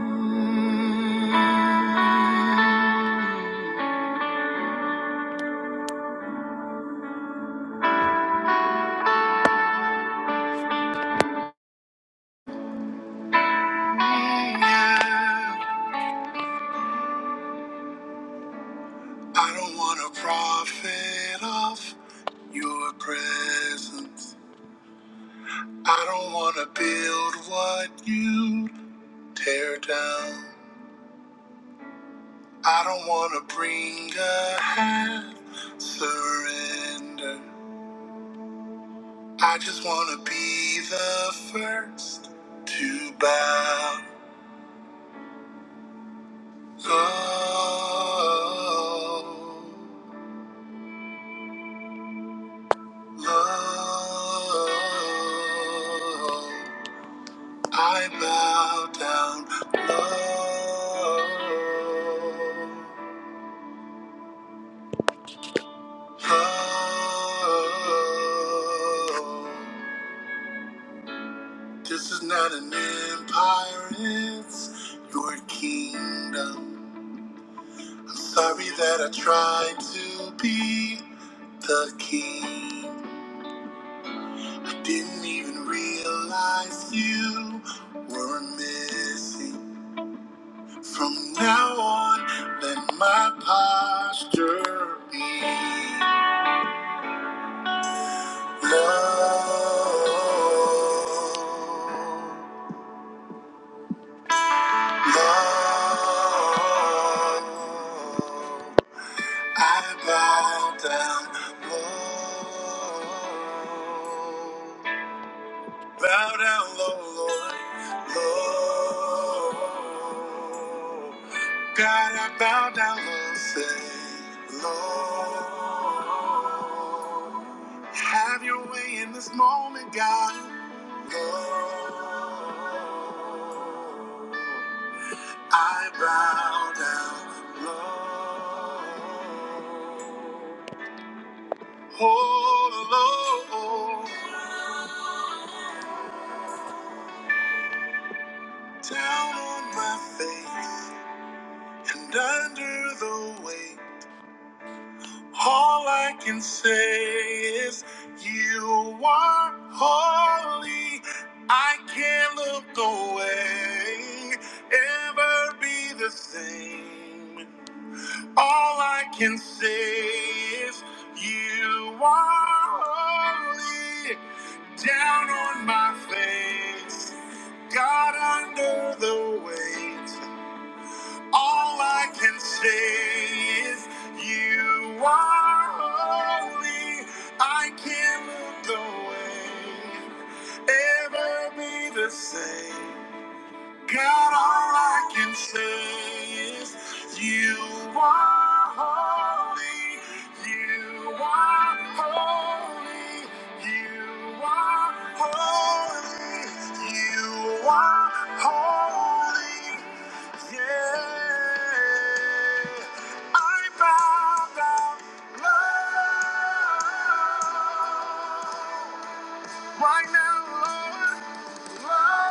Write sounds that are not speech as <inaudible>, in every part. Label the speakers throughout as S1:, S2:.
S1: I don't want to profit off your presence. I don't want to build what you tear down. I don't want to bring a half surrender. I just want to be the first to bow low. Lord, I bow down. Lord, Lord, this is not an empire, it's your kingdom. I'm sorry that I tried to be the king. I didn't even realize you were missing. From now on, let my posture be love. Love. I bow down, Lord. Bow down low, Lord, Lord. God, I bow down low, say, Lord. Have your way in this moment, God, Lord. I bow down low. Oh, Lord, down on my face. And under the weight, all I can say is, You are holy. I can't look away, ever be the same. All I can say is, You are holy. Down on my face, God under the weight. All I can say is you are holy. I can't look away, ever be the same. God, all I can say is you are holy, you are holy, you are holy, you are holy. Yeah, I bow down low right now, Lord. I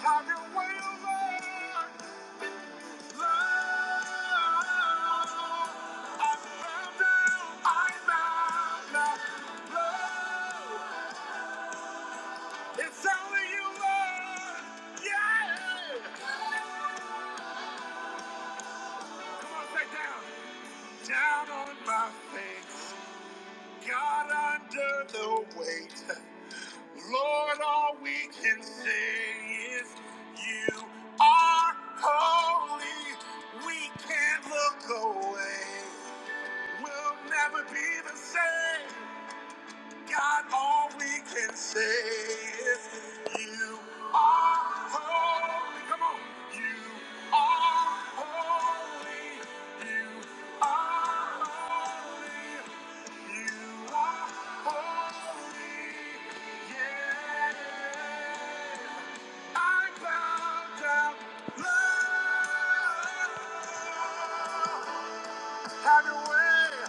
S1: Have been waiting. Lord. It's only you, Yeah. Come on, say down. Down on my face, God under the weight. Lord, all we can say is you are holy. We can't look away. We'll never be the same. God, all we can say is you are holy. Come on. You are holy. You are holy. You are holy. Yeah. I bow down. Love. Have your way.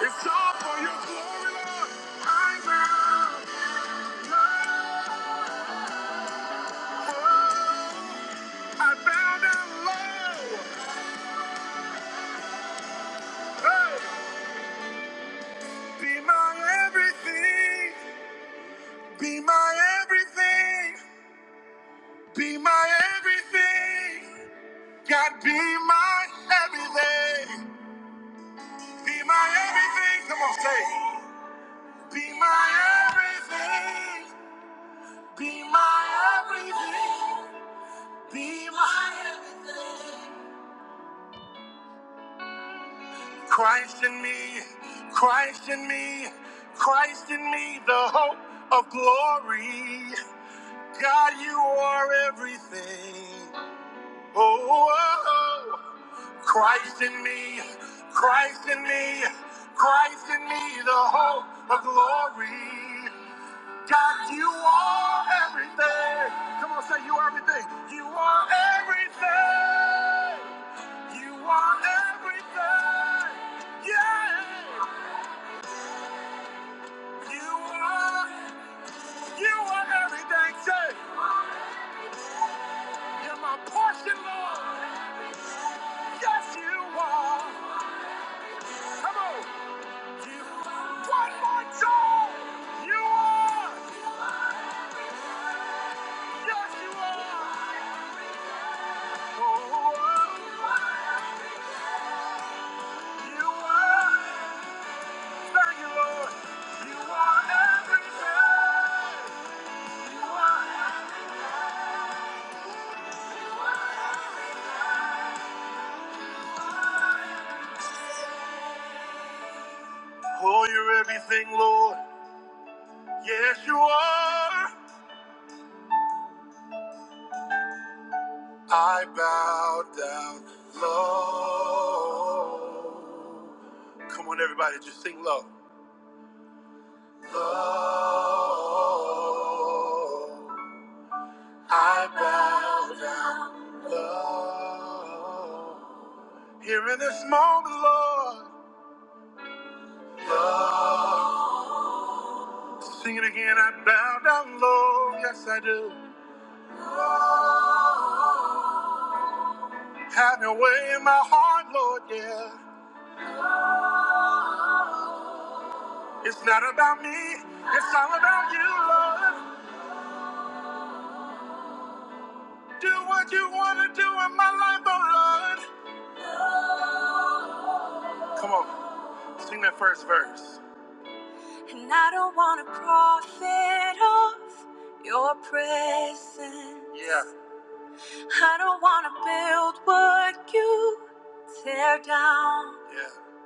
S1: It's all for your glory, Lord. I bow low. I bow down low. Hey, Be my everything. Be my everything. Be my everything. God, be my everything. Be my everything. Come on, say. it. Be my everything. Be my everything. Be my everything. Christ in me. Christ in me. Christ in me, the hope of glory. God, you are everything. Oh, Christ in me, Christ in me, Christ in me, the hope of glory. God, you are everything. Come on, say you are everything. You are everything. You are everything. Yeah. You are, you are everything. Say, you're my portion, Lord. Yes, you are. Come on. One more time! You are! Yes, you are! Oh, oh. you are! Thank you, Lord! You are everything! You are! Oh, you're everything, Lord! Yes, you are! I bow down low. Come on, everybody, just sing low. Low. I bow down, Lord. Here in this moment, Lord. Lord. Sing it again. I bow down, Lord. Yes, I do. Have your way in my heart, Lord. Yeah. It's not about me. It's all about you, Lord. Do what you want to do in my life, oh Lord. Come on. Sing that first verse. And I don't want to profit off your presence. Yeah. I don't wanna build what you tear down. Yeah.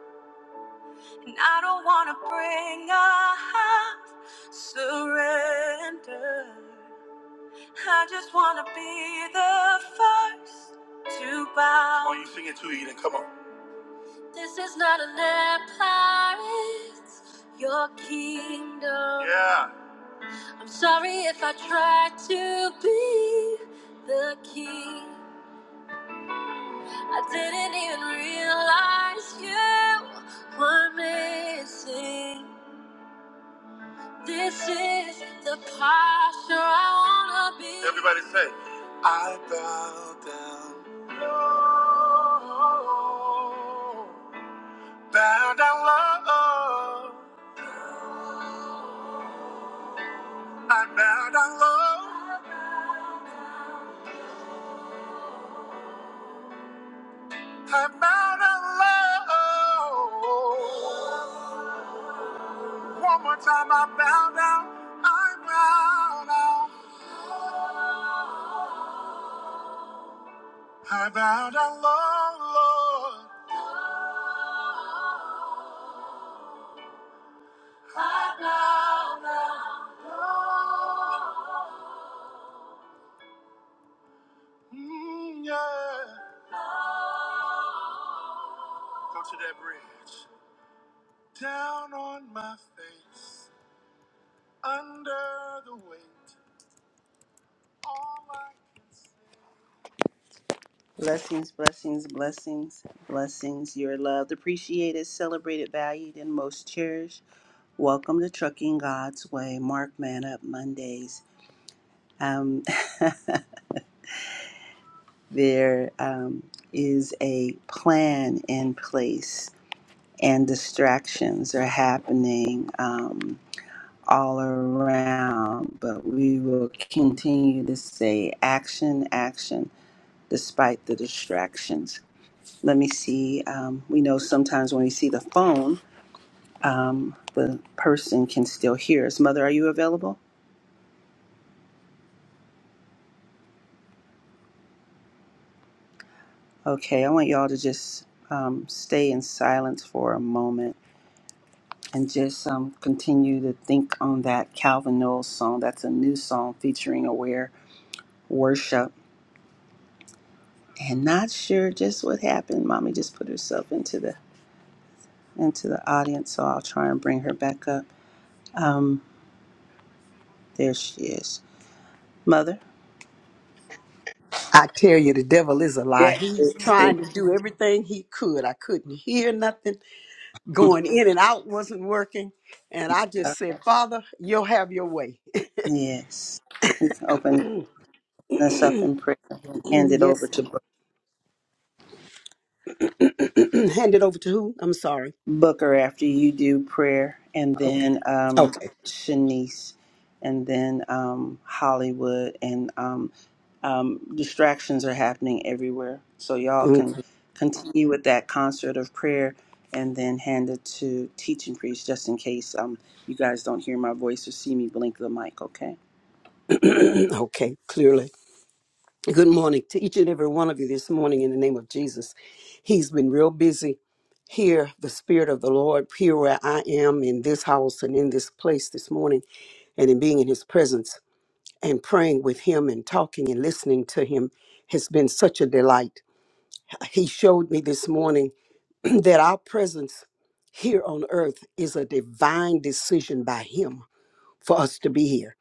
S1: And I don't wanna bring a house surrender. I just wanna be the first to bow. Oh, you sing it too, Eden. Come on. This is not an empire, it's your kingdom. Yeah. I'm sorry if I tried to be the king. I didn't even realize you were missing. This is the posture I wanna be. Everybody say, I bow down. low. Bow down low. I bow down low. I bow down low. One more time, I bow down. I bow down. I bow down low, Lord. I bow down low. Mm, yeah. Go to that bridge. Down on my face, under the weight. All I can see. Blessings, blessings, blessings, blessings. You're loved, appreciated, celebrated, valued, and most cherished. Welcome to Trucking God's Way, Mark Man Up Mondays. Um, <laughs> there um, is a plan in place and distractions are happening um, all around, but we will continue to say action, action, despite the distractions. Let me see. Um, we know sometimes when we see the phone, um, the person can still hear us. Mother, are you available? Okay, I want y'all to just um, stay in silence for a moment and just um, continue to think on that Calvin Knowles song. That's a new song featuring Aware Worship. And not sure just what happened. Mommy just put herself into the into the audience, so I'll try and bring her back up. Um, there she is, Mother.
S2: I tell you, the devil is a lie.
S1: Yeah,
S2: He's
S1: it's here.
S2: trying to do everything he could. I couldn't hear nothing.
S1: <laughs>
S2: Going in and out wasn't working. And I just said, Father, you'll have your way. <laughs> <clears throat>
S1: yes. We can open this up in prayer and hand it over
S2: yes.
S1: to.
S2: <clears throat> Hand it over to who? I'm sorry.
S1: Booker after you do prayer, and
S2: Okay.
S1: then um,
S2: Okay.
S1: Shanice, and then um, Hollywood, and um, um, distractions are happening everywhere. So y'all can continue with that concert of prayer, and then hand it to teaching priest just in case um, you guys don't hear my voice or see me blink the mic. Okay,
S2: Okay. <clears throat> okay. Clearly. Good morning to each and every one of you this morning in the name of Jesus. He's been real busy here, the Spirit of the Lord, here where I am in this house and in this place this morning and in being in His presence. and praying with him and talking and listening to him has been such a delight. He showed me this morning <clears throat> that our presence here on earth is a divine decision by him for us to be here.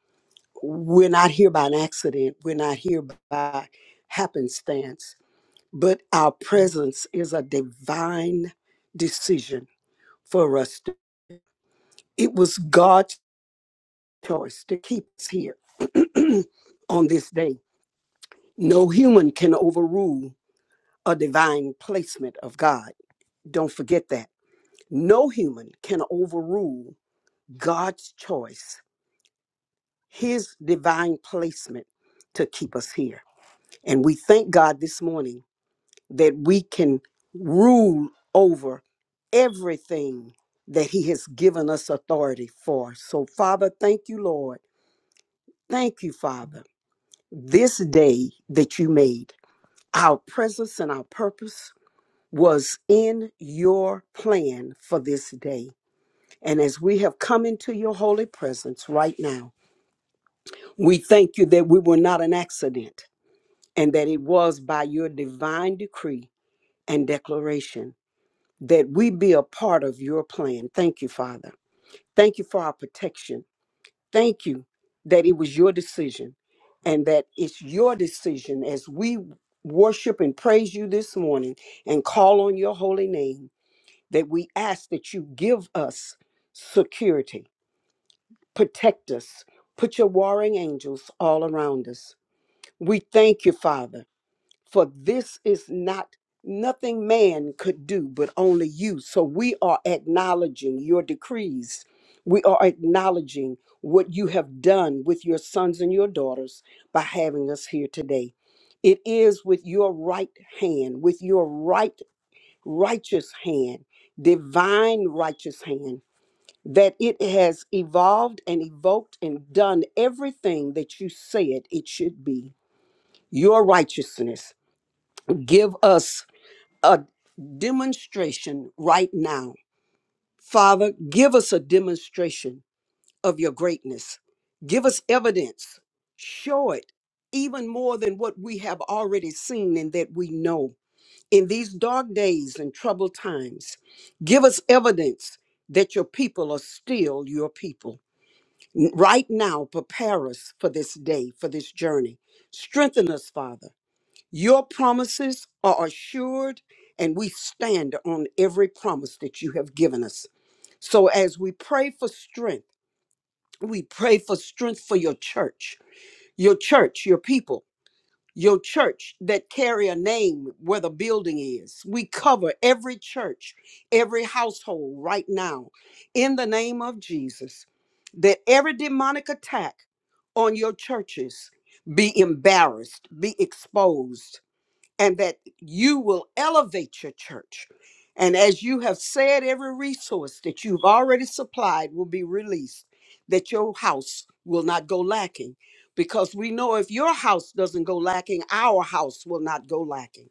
S2: We're not here by an accident, we're not here by happenstance, but our presence is a divine decision for us. To, it was God's choice to keep us here <clears throat> on this day. No human can overrule a divine placement of God. Don't forget that. No human can overrule God's choice, his divine placement to keep us here. And we thank God this morning that we can rule over everything that he has given us authority for. So, Father, thank you, Lord. Thank you, Father. This day that you made, our presence and our purpose was in your plan for this day. And as we have come into your holy presence right now, we thank you that we were not an accident and that it was by your divine decree and declaration that we be a part of your plan. Thank you, Father. Thank you for our protection. Thank you that it was your decision and that it's your decision as we worship and praise you this morning and call on your holy name that we ask that you give us security, protect us, put your warring angels all around us. We thank you, Father, for this is not nothing man could do, but only you. So we are acknowledging your decrees. We are acknowledging what you have done with your sons and your daughters by having us here today. It is with your right hand, with your right righteous hand, divine righteous hand, that it has evolved and evoked and done everything that you said it should be. Your righteousness. Give us a demonstration right now. Father, give us a demonstration of your greatness. Give us evidence. Show it even more than what we have already seen and that we know. In these dark days and troubled times, give us evidence that your people are still your people. N- Right now, prepare us for this day, for this journey. Strengthen us, Father. Your promises are assured, and we stand on every promise that you have given us. So, as we pray for strength, we pray for strength for your church, your church, your people your church that carry a name where the building is. We cover every church, every household right now in the name of Jesus. That every demonic attack on your churches be embarrassed, be exposed, and that you will elevate your church. And as you have said, every resource that you've already supplied will be released, that your house will not go lacking. Because we know if your house doesn't go lacking, our house will not go lacking.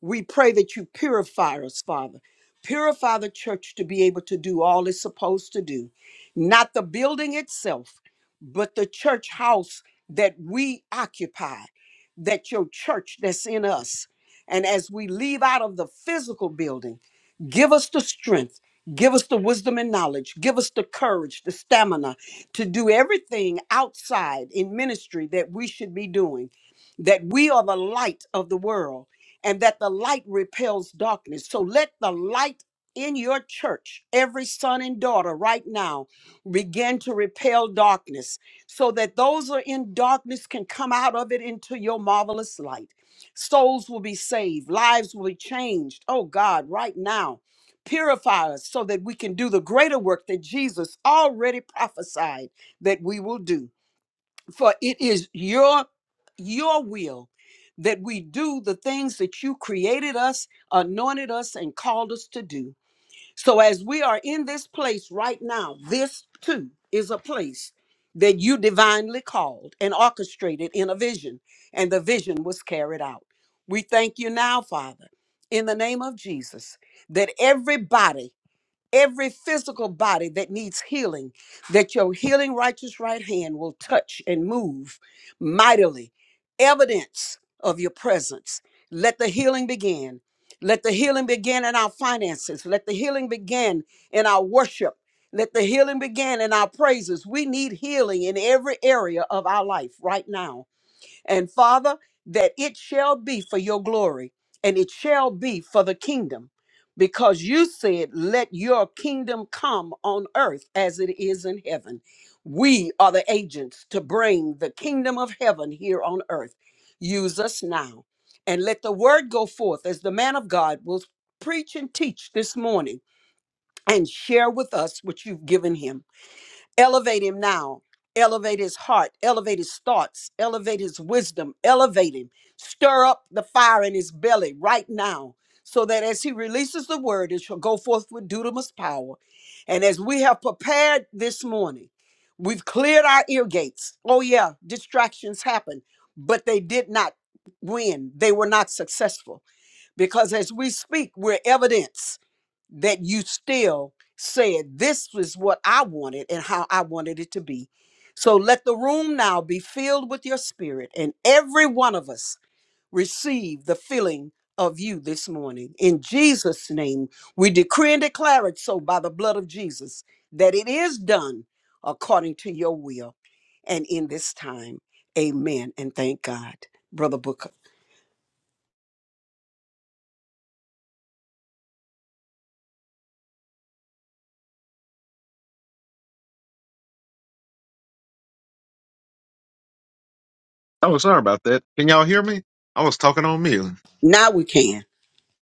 S2: We pray that you purify us, Father. Purify the church to be able to do all it's supposed to do, not the building itself, but the church house that we occupy, that your church that's in us. And as we leave out of the physical building, give us the strength, give us the wisdom and knowledge, give us the courage, the stamina to do everything outside in ministry that we should be doing, that we are the light of the world and that the light repels darkness. So let the light in your church, every son and daughter right now, begin to repel darkness so that those who are in darkness can come out of it into your marvelous light. Souls will be saved, lives will be changed. Oh God, right now, purify us so that we can do the greater work that Jesus already prophesied that we will do for it is your your will that we do the things that you created us anointed us and called us to do so as we are in this place right now this too is a place that you divinely called and orchestrated in a vision and the vision was carried out we thank you now father in the name of jesus that everybody every physical body that needs healing, that your healing righteous right hand will touch and move mightily. Evidence of your presence. Let the healing begin. Let the healing begin in our finances. Let the healing begin in our worship. Let the healing begin in our praises. We need healing in every area of our life right now. And Father, that it shall be for your glory and it shall be for the kingdom, because you said, Let your kingdom come on earth as it is in heaven. We are the agents to bring the kingdom of heaven here on earth. Use us now and let the word go forth as the man of God will preach and teach this morning and share with us what you've given him. Elevate him now. Elevate his heart. Elevate his thoughts. Elevate his wisdom. Elevate him. Stir up the fire in his belly right now so that as he releases the word, it shall go forth with dunamis power. And as we have prepared this morning, we've cleared our ear gates. Oh, yeah, distractions happen, but they did not win. They were not successful because as we speak, we're evidence that you still said, This is what I wanted and how I wanted it to be. So let the room now be filled with your spirit, and every one of us receive the filling of you this morning. In Jesus' name, we decree and declare it so by the blood of Jesus that it is done according to your will. And in this time, amen. And thank God, Brother Booker.
S3: Oh, sorry about that. Can y'all hear me? I was talking on mute.
S2: Now we can.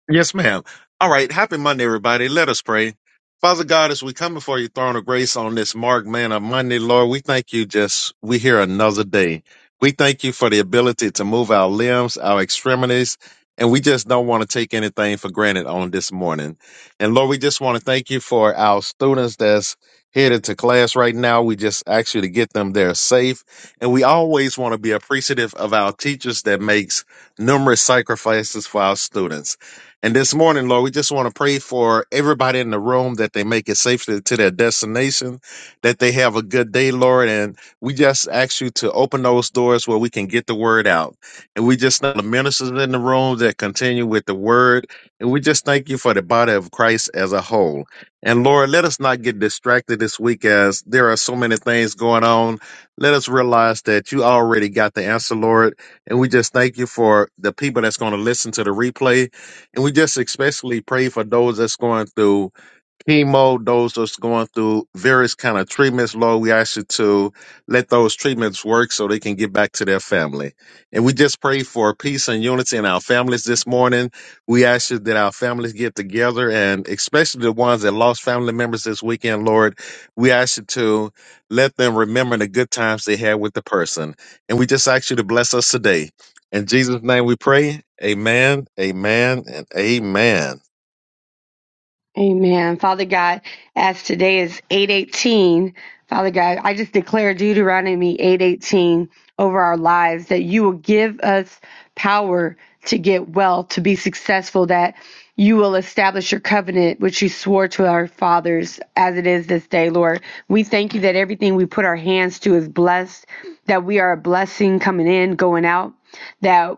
S3: Yes, ma'am. All right. Happy Monday, everybody. Let us pray. Father God, as we come before your throne of grace on this Mark Man of Monday, Lord, we thank you just, we hear another day. We thank you for the ability to move our limbs, our extremities, and we just don't want to take anything for granted on this morning. And Lord, we just want to thank you for our students that's headed to class right now. We just ask you to get them there safe. And we always want to be appreciative of our teachers that makes numerous sacrifices for our students. And this morning, Lord, we just want to pray for everybody in the room that they make it safely to their destination, that they have a good day, Lord. And we just ask you to open those doors where we can get the word out. And we just thank the ministers in the room that continue with the word. And we just thank you for the body of Christ as a whole. And Lord, let us not get distracted this week as there are so many things going on. Let us realize that you already got the answer, Lord. And we just thank you for the people that's going to listen to the replay and we just especially pray for those that's going through chemo, those that's going through various kind of treatments, Lord, we ask you to let those treatments work so they can get back to their family. And we just pray for peace and unity in our families this morning. We ask you that our families get together and especially the ones that lost family members this weekend, Lord, we ask you to let them remember the good times they had with the person. And we just ask you to bless us today. In Jesus' name we pray. Amen, amen, and amen.
S4: Amen. Father God, as today is 818, Father God, I just declare Deuteronomy 818 over our lives that you will give us power to get wealth, to be successful, that you will establish your covenant, which you swore to our fathers as it is this day, Lord. We thank you that everything we put our hands to is blessed, that we are a blessing coming in, going out. That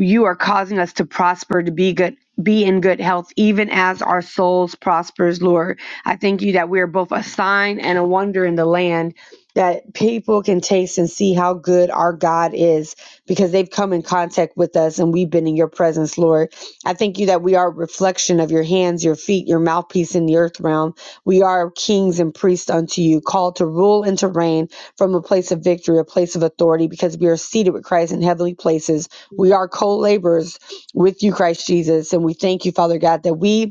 S4: you are causing us to prosper to be good be in good health even as our souls prospers lord i thank you that we are both a sign and a wonder in the land that people can taste and see how good our god is because they've come in contact with us and we've been in your presence lord I thank you that we are a reflection of your hands, your feet, your mouthpiece in the earth realm. We are kings and priests unto you, called to rule and to reign from a place of victory, a place of authority, because we are seated with Christ in heavenly places. We are co laborers with you, Christ Jesus. And we thank you, Father God, that we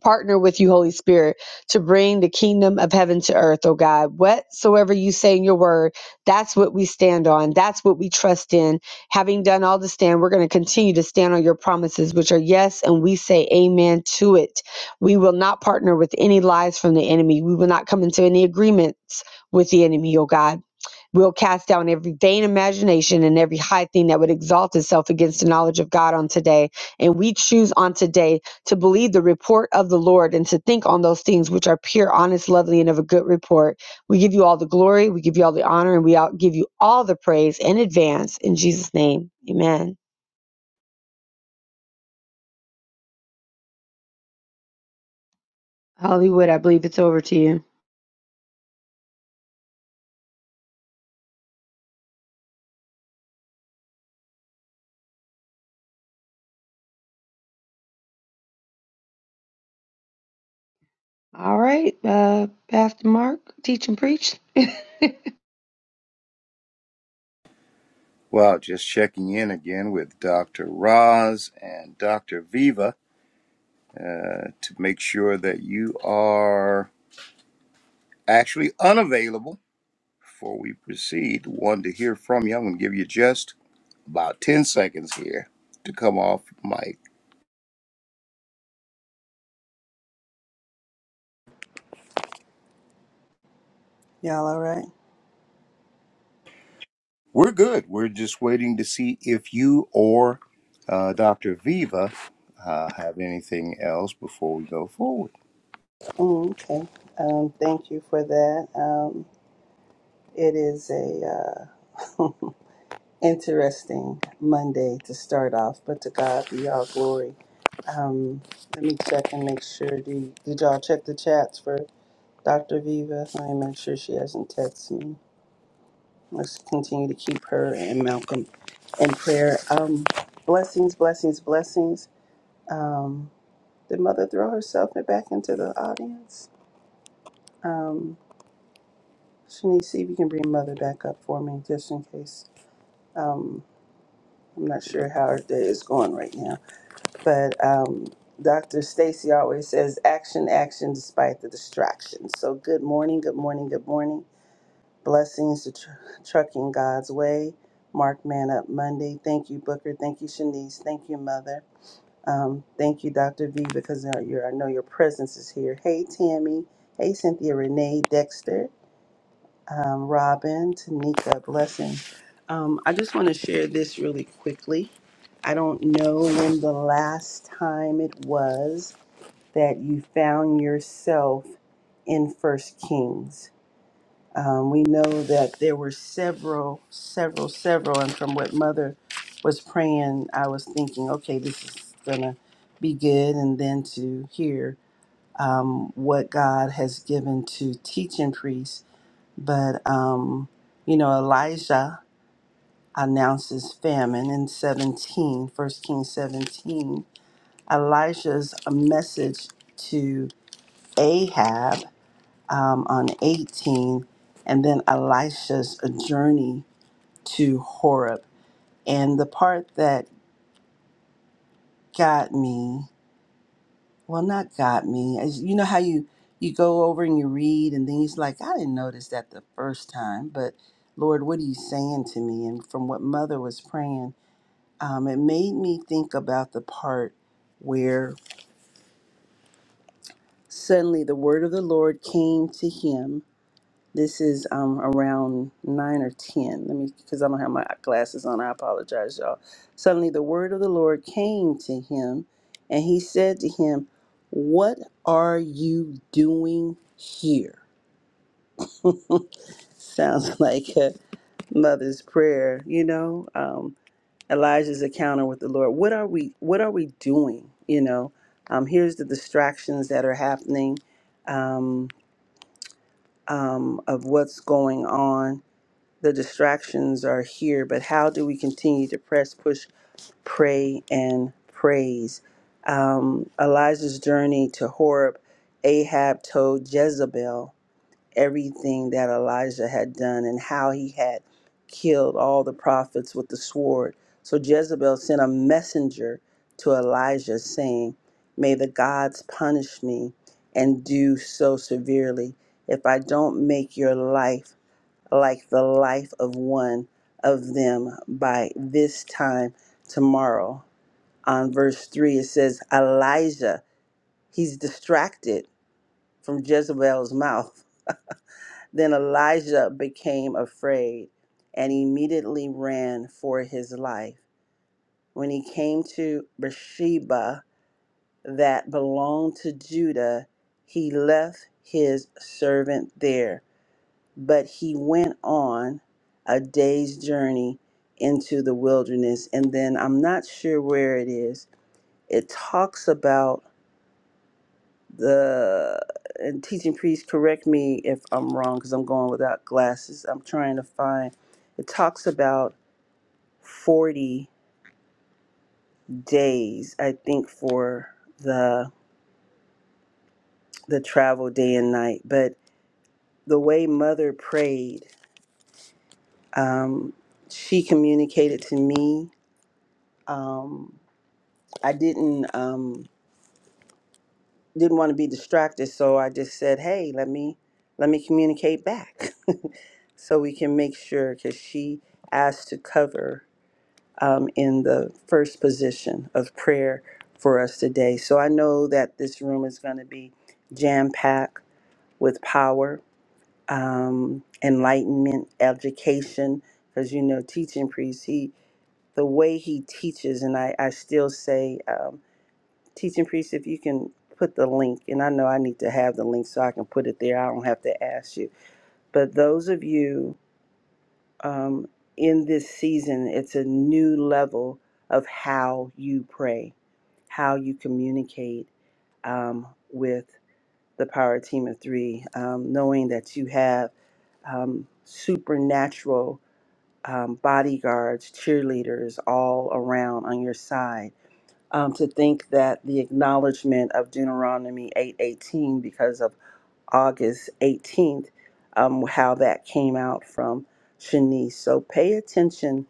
S4: partner with you, Holy Spirit, to bring the kingdom of heaven to earth, oh God. Whatsoever you say in your word, that's what we stand on. That's what we trust in. Having done all to stand, we're going to continue to stand on your promises, which are yes, and we say amen to it. We will not partner with any lies from the enemy. We will not come into any agreements with the enemy, oh God. We'll cast down every vain imagination and every high thing that would exalt itself against the knowledge of God on today. And we choose on today to believe the report of the Lord and to think on those things which are pure, honest, lovely, and of a good report. We give you all the glory, we give you all the honor, and we all give you all the praise in advance. In Jesus' name, amen. Hollywood, I believe it's over to you. All right, uh, Pastor Mark, teach and preach. <laughs>
S5: Well, just checking in again with Dr. Roz and Dr. Viva uh, to make sure that you are actually unavailable before we proceed. Wanted to hear from you. I'm going to give you just about 10 seconds here to come off mic.
S1: y'all all right?
S5: We're good. We're just waiting to see if you or uh, Dr. Viva uh, have anything else before we go forward.
S1: Mm, okay. Um, thank you for that. Um, it is a. Uh, <laughs> interesting Monday to start off, but to God be all glory. Um, let me check and make sure. Did, did y'all check the chats for Dr. Viva? Let me make sure she hasn't texted me. Let's continue to keep her and Malcolm in prayer. Um, blessings, blessings, blessings. Um, did Mother throw herself back into the audience? Um, Shanice, see if you can bring Mother back up for me, just in case. Um, I'm not sure how her day is going right now. But um, Dr. Stacy always says, action, action, despite the distractions. So good morning, good morning, good morning. Blessings to tr- Trucking God's Way. Mark Man Up Monday. Thank you, Booker. Thank you, Shanice. Thank you, Mother. Um, thank you, Dr. V, because now you're, I know your presence is here. Hey, Tammy. Hey, Cynthia Renee Dexter um, Robin, Tanika, blessing. Um, I just want to share this really quickly. I don't know when the last time it was that you found yourself in First Kings. Um, we know that there were several, several, several, and from what Mother was praying, I was thinking, okay, this is gonna be good, and then to hear um, what God has given to teaching priests but, um, you know, Elijah announces famine in 17, First Kings 17. Elijah's a message to Ahab um, on 18, and then Elisha's journey to Horeb. And the part that got me Well, not got me. As you know how you you go over and you read, and then he's like, I didn't notice that the first time, but Lord, what are you saying to me? And from what Mother was praying, um, it made me think about the part where suddenly the word of the Lord came to him This is um around nine or ten. Let me, because I don't have my glasses on. I apologize, y'all. Suddenly, the word of the Lord came to him, and he said to him, "What are you doing here?" <laughs> Sounds like a mother's prayer. You know, um, Elijah's encounter with the Lord. What are we? What are we doing? You know, um, here's the distractions that are happening um, um, of what's going on the distractions are here, but how do we continue to press, push, pray, and praise? Um, Elijah's journey to Horeb, Ahab told Jezebel everything that Elijah had done and how he had killed all the prophets with the sword. So Jezebel sent a messenger to Elijah saying, May the gods punish me and do so severely if I don't make your life like the life of one of them by this time tomorrow. On verse 3, it says, Elijah, he's distracted from Jezebel's mouth. Then Elijah became afraid and immediately ran for his life. When he came to Beersheba, that belonged to Judah, he left his servant there But he went on a day's journey into the wilderness. And then I'm not sure where it is. It talks about the and teaching priest, correct me if I'm wrong because I'm going without glasses. I'm trying to find it talks about 40 days, I think, for the the travel day and night. But the way mother prayed, um, she communicated to me. Um, I didn't um, didn't want to be distracted, so I just said, "Hey, let me let me communicate back, <laughs> so we can make sure." Because she asked to cover um, in the first position of prayer for us today, so I know that this room is going to be jam packed with power, um, enlightenment, education. Because you know, teaching priest, he the way he teaches, and I I still say. Um, Teaching priest, if you can put the link, and I know I need to have the link so I can put it there. I don't have to ask you. But those of you um, in this season, it's a new level of how you pray, how you communicate um, with the power team of three, um, knowing that you have um, supernatural um, bodyguards, cheerleaders all around on your side um, to think that the acknowledgement of Deuteronomy 8:18 because of August 18th, um, how that came out from Shanice. So pay attention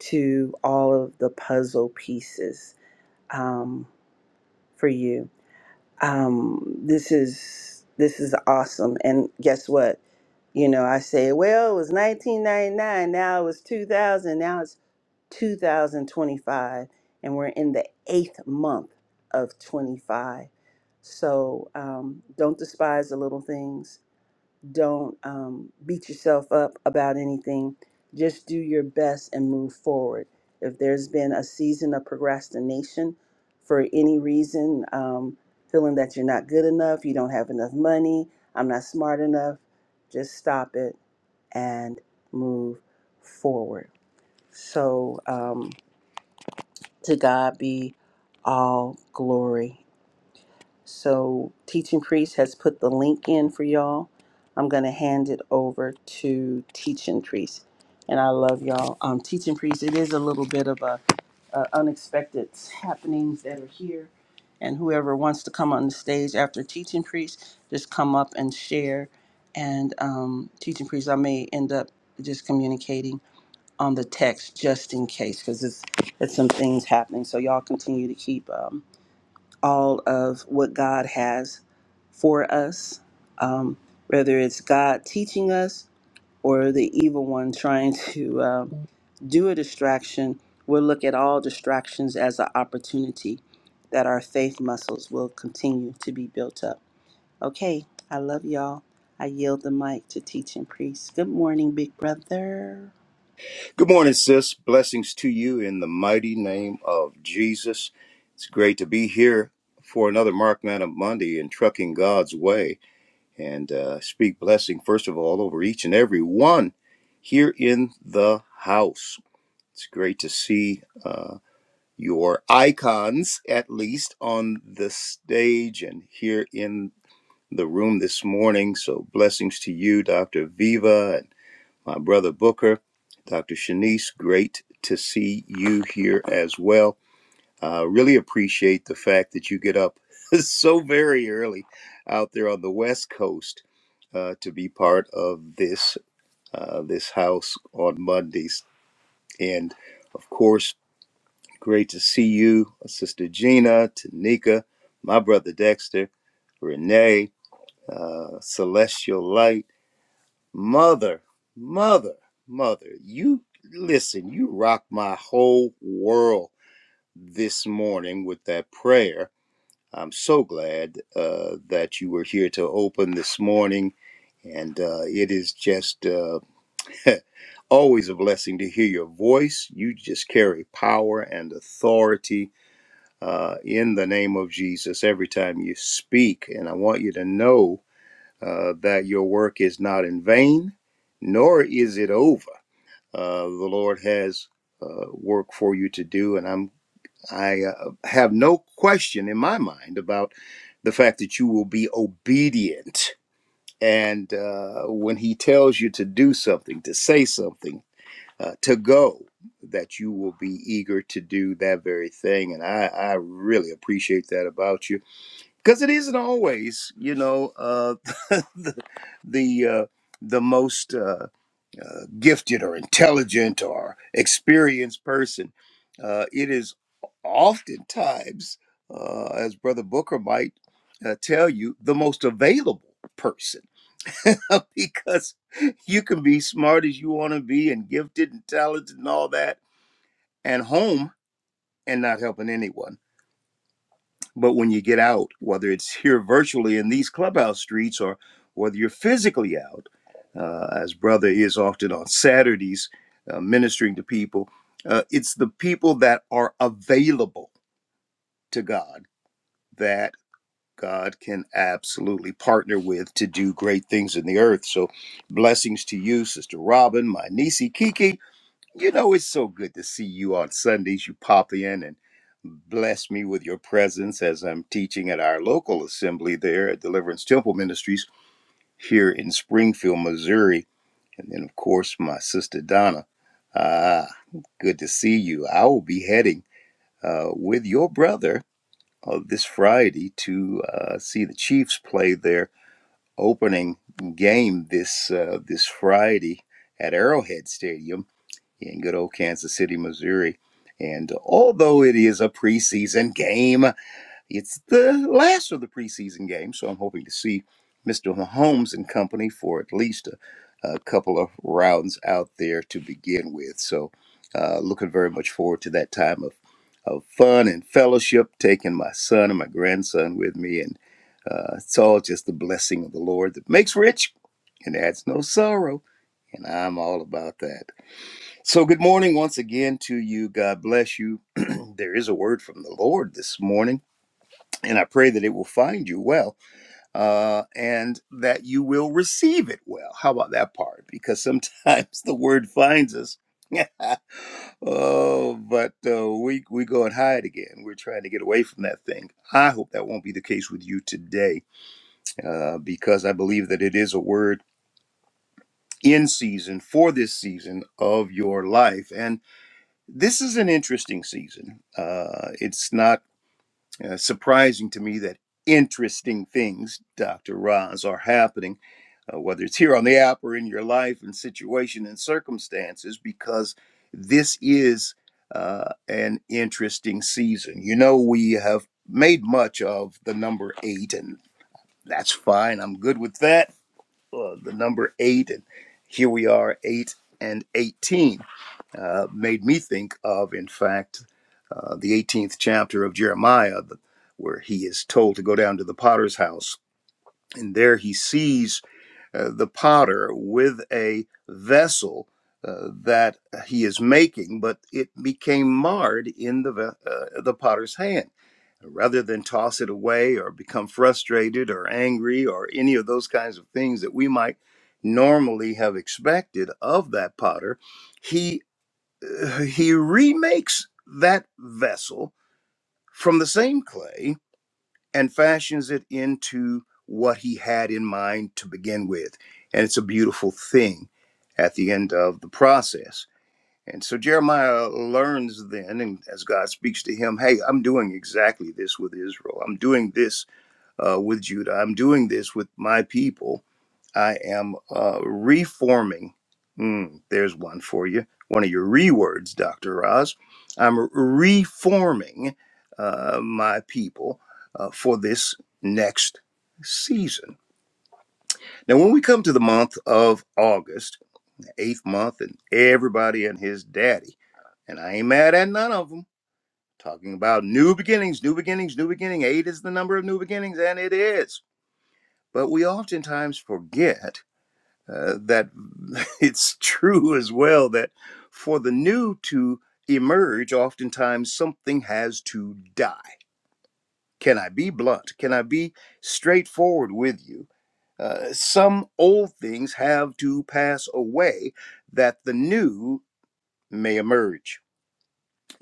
S1: to all of the puzzle pieces um, for you. Um, this is this is awesome, and guess what? You know, I say, well, it was 1999, now it was 2000, now it's 2025, and we're in the eighth month of 25. So um, don't despise the little things. Don't um, beat yourself up about anything. Just do your best and move forward. If there's been a season of procrastination for any reason, um, feeling that you're not good enough, you don't have enough money, I'm not smart enough, just stop it and move forward. So, um, to God be all glory. So, Teaching Priest has put the link in for y'all. I'm going to hand it over to Teaching Priest. And I love y'all. Um, Teaching Priest, it is a little bit of a, a unexpected happenings that are here. And whoever wants to come on the stage after Teaching Priest, just come up and share. And um, Teaching Priest, I may end up just communicating on the text just in case because it's it's some things happening. So y'all continue to keep um, all of what God has for us, um, whether it's God teaching us or the evil one trying <laughs> to um, do a distraction. We'll look at all distractions as an opportunity that our faith muscles will continue to be built up. Okay, I love y'all. I yield the mic to teaching priest. Good morning, big brother.
S5: Good morning, sis. Blessings to you in the mighty name of Jesus. It's great to be here for another Mark Madam Monday in Trucking God's Way and uh, speak blessing, first of all, over each and every one here in the house. It's great to see uh, your icons, at least, on the stage and here in the room this morning. So, blessings to you, Dr. Viva, my brother Booker, Dr. Shanice, great to see you here as well. Uh, really appreciate the fact that you get up <laughs> so very early out there on the West Coast uh, to be part of this uh, this house on Mondays, and of course, great to see you, Sister Gina, Tanika, my brother Dexter, Renee, uh, Celestial Light. Mother, mother, mother, you listen, you rock my whole world this morning with that prayer. I'm so glad uh, that you were here to open this morning. And uh, it is just uh, <laughs> always a blessing to hear your voice. You just carry power and authority uh, in the name of Jesus every time you speak. And I want you to know uh, that your work is not in vain, nor is it over uh, the Lord has uh, work for you to do, and I'm I uh, have no question in my mind about the fact that you will be obedient. And uh, when He tells you to do something, to say something, uh, to go, that you will be eager to do that very thing. And I, I really appreciate that about you because it isn't always, you know, uh, the uh, the most. Uh, uh, gifted or intelligent or experienced person. Uh, it is oftentimes, uh, as Brother Booker might uh, tell you, the most available person <laughs> because you can be smart as you want to be and gifted and talented and all that, and home and not helping anyone. But when you get out, whether it's here virtually in these clubhouse streets or whether you're physically out, uh, as brother is often on Saturdays uh, ministering to people, uh, it's the people that are available to God that God can absolutely partner with to do great things in the earth. So, blessings to you, Sister Robin, my niece Kiki. You know, it's so good to see you on Sundays. You pop in and bless me with your presence as I'm teaching at our local assembly there at Deliverance Temple Ministries here in Springfield, Missouri. And then, of course, my sister Donna. Ah, good to see you. I will be heading uh, with your brother uh, this Friday to uh, see the Chiefs play their opening game this uh, this Friday at Arrowhead Stadium in good old Kansas City, Missouri. And although it is a preseason game, it's the last of the preseason game, so I'm hoping to see Mr. Mahomes and company for at least a, a couple of rounds out there to begin with. So, uh, looking very much forward to that time of of fun and fellowship, taking my son and my grandson with me, and uh, it's all just the blessing of the Lord that makes rich and adds no sorrow, and I'm all about that. So, good morning once again to you. God bless you. <clears throat> there is a word from the Lord this morning, and I pray that it will find you well uh, and that you will receive it well. How about that part? Because sometimes <laughs> the word finds us. <laughs> oh, but uh, we, we go and hide again. We're trying to get away from that thing. I hope that won't be the case with you today uh, because I believe that it is a word in season for this season of your life. And This is an interesting season. Uh, it's not uh, surprising to me that interesting things, Dr. Roz, are happening, uh, whether it's here on the app or in your life and situation and circumstances, because this is uh, an interesting season. You know, we have made much of the number eight, and that's fine. I'm good with that. Uh, the number eight, and here we are, eight and 18 uh, made me think of, in fact, uh, the 18th chapter of Jeremiah, where he is told to go down to the potter's house. And there he sees uh, the potter with a vessel uh, that he is making, but it became marred in the, ve- uh, the potter's hand. Rather than toss it away or become frustrated or angry or any of those kinds of things that we might normally have expected of that potter, he uh, he remakes that vessel from the same clay and fashions it into what he had in mind to begin with. And it's a beautiful thing at the end of the process. And so Jeremiah learns then, and as God speaks to him, hey, I'm doing exactly this with Israel. I'm doing this uh, with Judah. I'm doing this with my people. I am uh, reforming. Mm, there's one for you. One of your rewords, Dr. Oz. I'm reforming uh, my people uh, for this next season. Now, when we come to the month of August, the eighth month, and everybody and his daddy, and I ain't mad at none of them, talking about new beginnings, new beginnings, new beginning. Eight is the number of new beginnings, and it is. But we oftentimes forget uh, that <laughs> it's true as well that for the new to emerge, oftentimes something has to die. Can I be blunt? Can I be straightforward with you? Uh, some old things have to pass away that the new may emerge.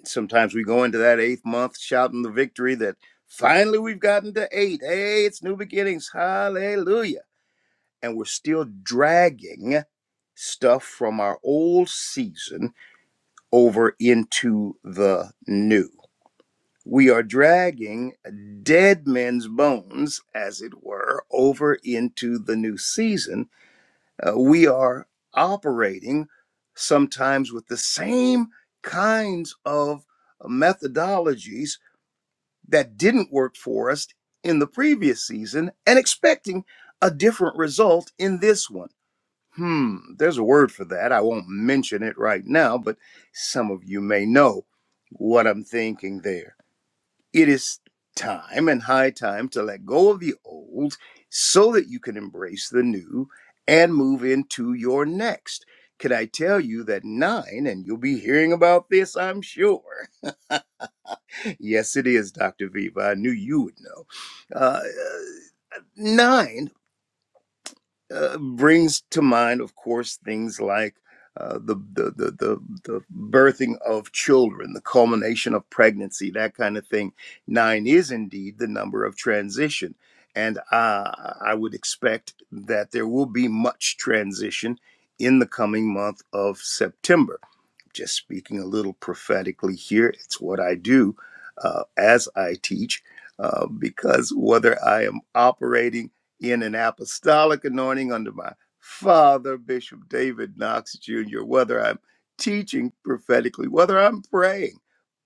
S5: Sometimes we go into that eighth month shouting the victory that finally we've gotten to eight. Hey, it's new beginnings. Hallelujah and we're still dragging stuff from our old season over into the new. We are dragging dead men's bones, as it were, over into the new season. Uh, we are operating sometimes with the same kinds of methodologies that didn't work for us in the previous season and expecting a different result in this one Hmm, there's a word for that. I won't mention it right now, but some of you may know what I'm thinking there. It is time and high time to let go of the old so that you can embrace the new and move into your next. Can I tell you that nine, and you'll be hearing about this, I'm sure. <laughs> yes, it is, Dr. Viva. I knew you would know. Uh, nine uh, brings to mind, of course, things like uh, the, the the the the birthing of children, the culmination of pregnancy, that kind of thing. Nine is indeed the number of transition, and uh, I would expect that there will be much transition in the coming month of September just speaking a little prophetically here, it's what I do uh, as I teach, uh, because whether I am operating in an apostolic anointing under my father, Bishop David Knox Jr., whether I'm teaching prophetically, whether I'm praying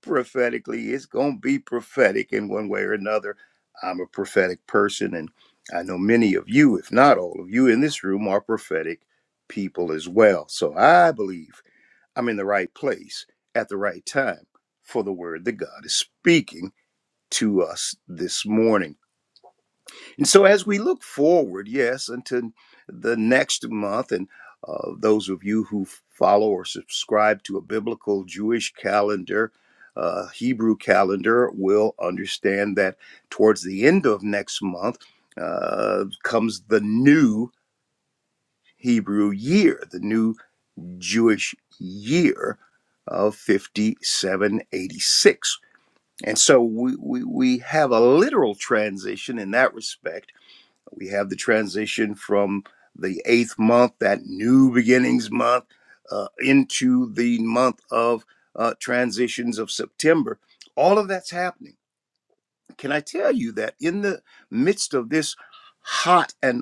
S5: prophetically, it's going to be prophetic in one way or another. I'm a prophetic person, and I know many of you, if not all of you in this room, are prophetic people as well. So I believe I'm in the right place at the right time for the word that God is speaking to us this morning. And so, as we look forward, yes, until the next month, and uh, those of you who follow or subscribe to a biblical Jewish calendar, uh, Hebrew calendar, will understand that towards the end of next month uh, comes the new Hebrew year, the new Jewish year of 5786. And so we, we, we have a literal transition in that respect. We have the transition from the eighth month, that new beginnings month, uh, into the month of uh, transitions of September. All of that's happening. Can I tell you that in the midst of this hot and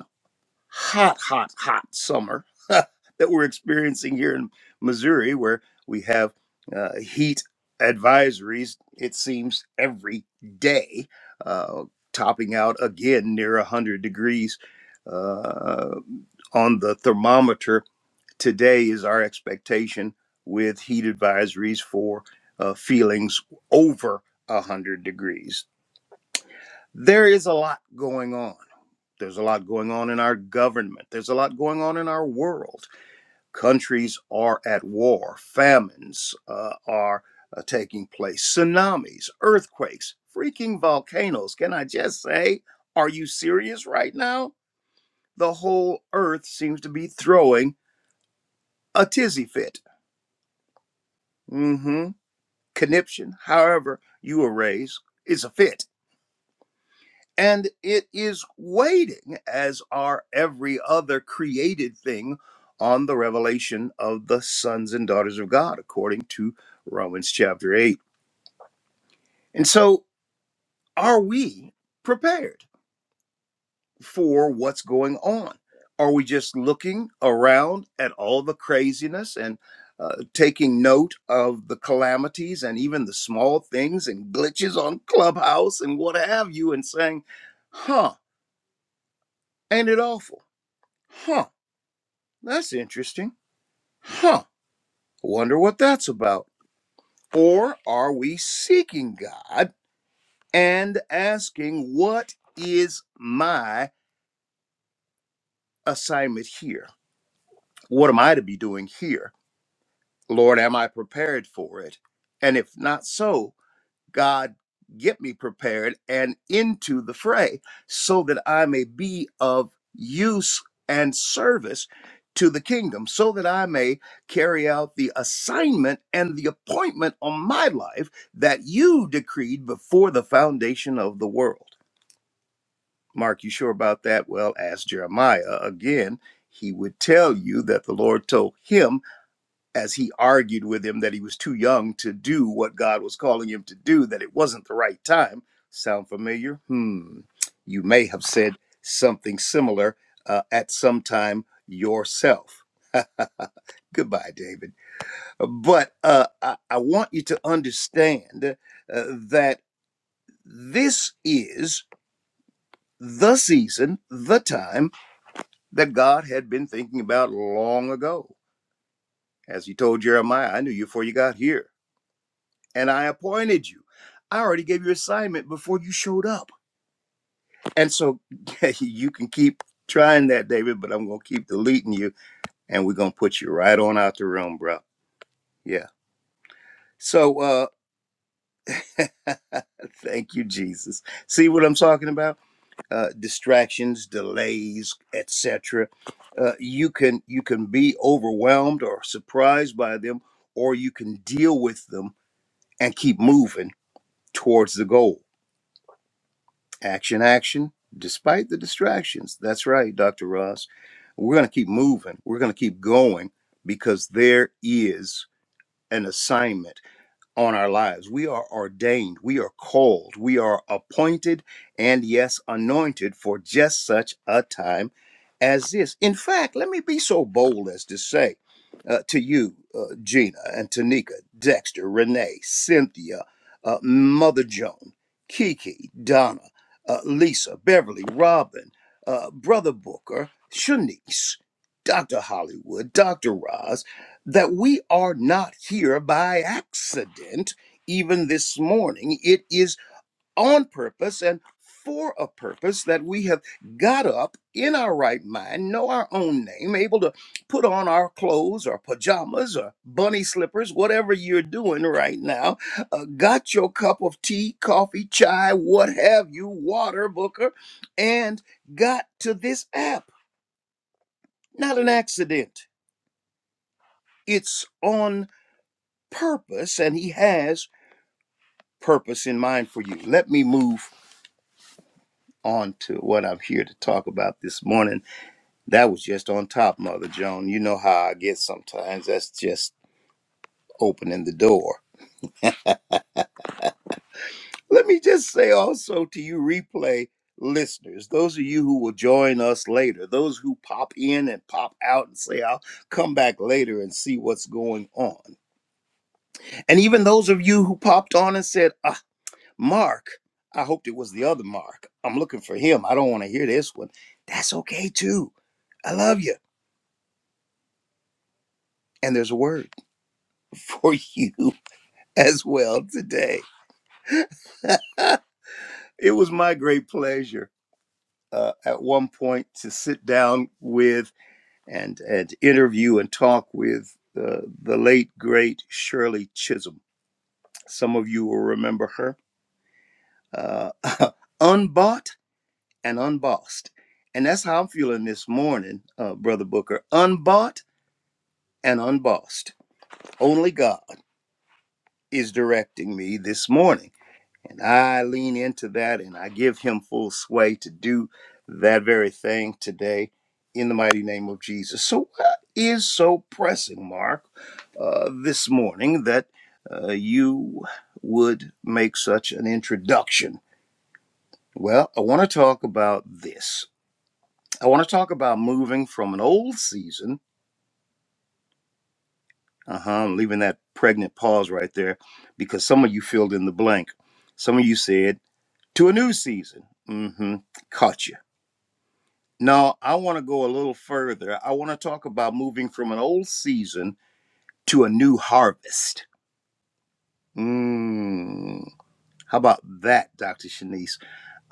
S5: hot, hot, hot summer <laughs> that we're experiencing here in Missouri, where we have uh, heat advisories, it seems, every day, uh, topping out again near 100 degrees uh, on the thermometer. Today is our expectation with heat advisories for uh, feelings over 100 degrees. There is a lot going on there's a lot going on in our government. There's a lot going on in our world. Countries are at war, famines uh, are uh, taking place, tsunamis, earthquakes, freaking volcanoes. Can I just say, are you serious right now? The whole earth seems to be throwing a tizzy fit. Mm hmm. Conniption, however you are raised, is a fit and it is waiting as are every other created thing on the revelation of the sons and daughters of God according to Romans chapter 8. And so are we prepared for what's going on? Are we just looking around at all the craziness and uh, taking note of the calamities and even the small things and glitches on Clubhouse and what have you, and saying, huh, ain't it awful? Huh, That's interesting. Huh. Wonder what that's about. Or are we seeking God and asking, what is my assignment here? What am I to be doing here? Lord, am I prepared for it? And if not so, God, get me prepared and into the fray so that I may be of use and service to the kingdom, so that I may carry out the assignment and the appointment on my life that you decreed before the foundation of the world. Mark, you sure about that? Well, ask Jeremiah again. He would tell you that the Lord told him as he argued with him that he was too young to do what God was calling him to do, that it wasn't the right time. Sound familiar? Hmm. You may have said something similar uh, at some time yourself. <laughs> Goodbye, David. But uh, I, I want you to understand uh, that this is the season, the time that God had been thinking about long ago. As he told Jeremiah, I knew you before you got here. and I appointed you. I already gave you assignment before you showed up. And so <laughs> you can keep trying that, David, but I'm gonna keep deleting you and we're gonna put you right on out the room, bro. Yeah. So uh <laughs> thank you, Jesus. See what I'm talking about? Uh distractions, delays, etc. Uh you can you can be overwhelmed or surprised by them, or you can deal with them and keep moving towards the goal Action, action, despite the distractions. That's right, Dr. Ross. We're going to keep moving. We're going to keep going because there is an assignment on our lives. We are ordained, we are called, we are appointed, and yes, anointed for just such a time as this. In fact, let me be so bold as to say uh, to you, uh, Gina and Tanika, Dexter, Renee, Cynthia, uh, Mother Joan, Kiki, Donna, uh, Lisa, Beverly, Robin, uh, Brother Booker, Shanice, Dr. Hollywood, Dr. Roz, that we are not here by accident, even this morning. It is on purpose and for a purpose that we have got up in our right mind, know our own name, able to put on our clothes or pajamas or bunny slippers, whatever you're doing right now. Uh, got your cup of tea, coffee, chai, what have you, water, Booker, and got to this app. Not an accident. It's on purpose and he has purpose in mind for you. Let me move on to what I'm here to talk about this morning. That was just on top, Mother Joan. You know how I get sometimes. That's just opening the door. Let me just say also to you, replay listeners, those of you who will join us later, those who pop in and pop out and say, I'll come back later and see what's going on. And even those of you who popped on and said, ah. Mark, I hoped it was the other Mark. I'm looking for him. I don't want to hear this one. That's okay too. I love you. And there's a word for you <laughs> as well today. <laughs> it was my great pleasure uh, at one point to sit down with and, and interview and talk with uh, the late, great Shirley Chisholm. Some of you will remember her. Uh, <laughs> unbought and unbossed. And that's how I'm feeling this morning, uh, Brother Booker. Unbought and unbossed. Only God is directing me this morning. And I lean into that and I give him full sway to do that very thing today in the mighty name of Jesus. So, what is so pressing, Mark, uh, this morning that uh, you would make such an introduction? Well, I want to talk about this. I want to talk about moving from an old season Uh huh. I'm leaving that pregnant pause right there because some of you filled in the blank. Some of you said, to a new season. Mm hmm. Caught you. No, I want to go a little further. I want to talk about moving from an old season to a new harvest. Mm. How about that, Dr. Shanice?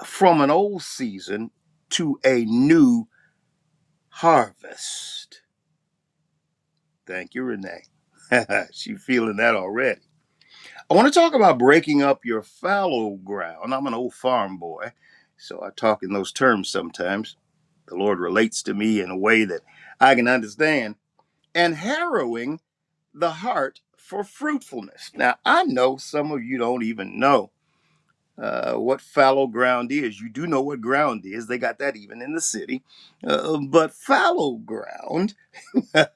S5: From an old season to a new harvest. Thank you, Renee. <laughs> she feeling that already. I want to talk about breaking up your fallow ground. I'm an old farm boy, so I talk in those terms sometimes. The Lord relates to me in a way that I can understand, and harrowing the heart for fruitfulness. Now, I know some of you don't even know uh, what fallow ground is. You do know what ground is, they got that even in the city. Uh, but fallow ground <laughs>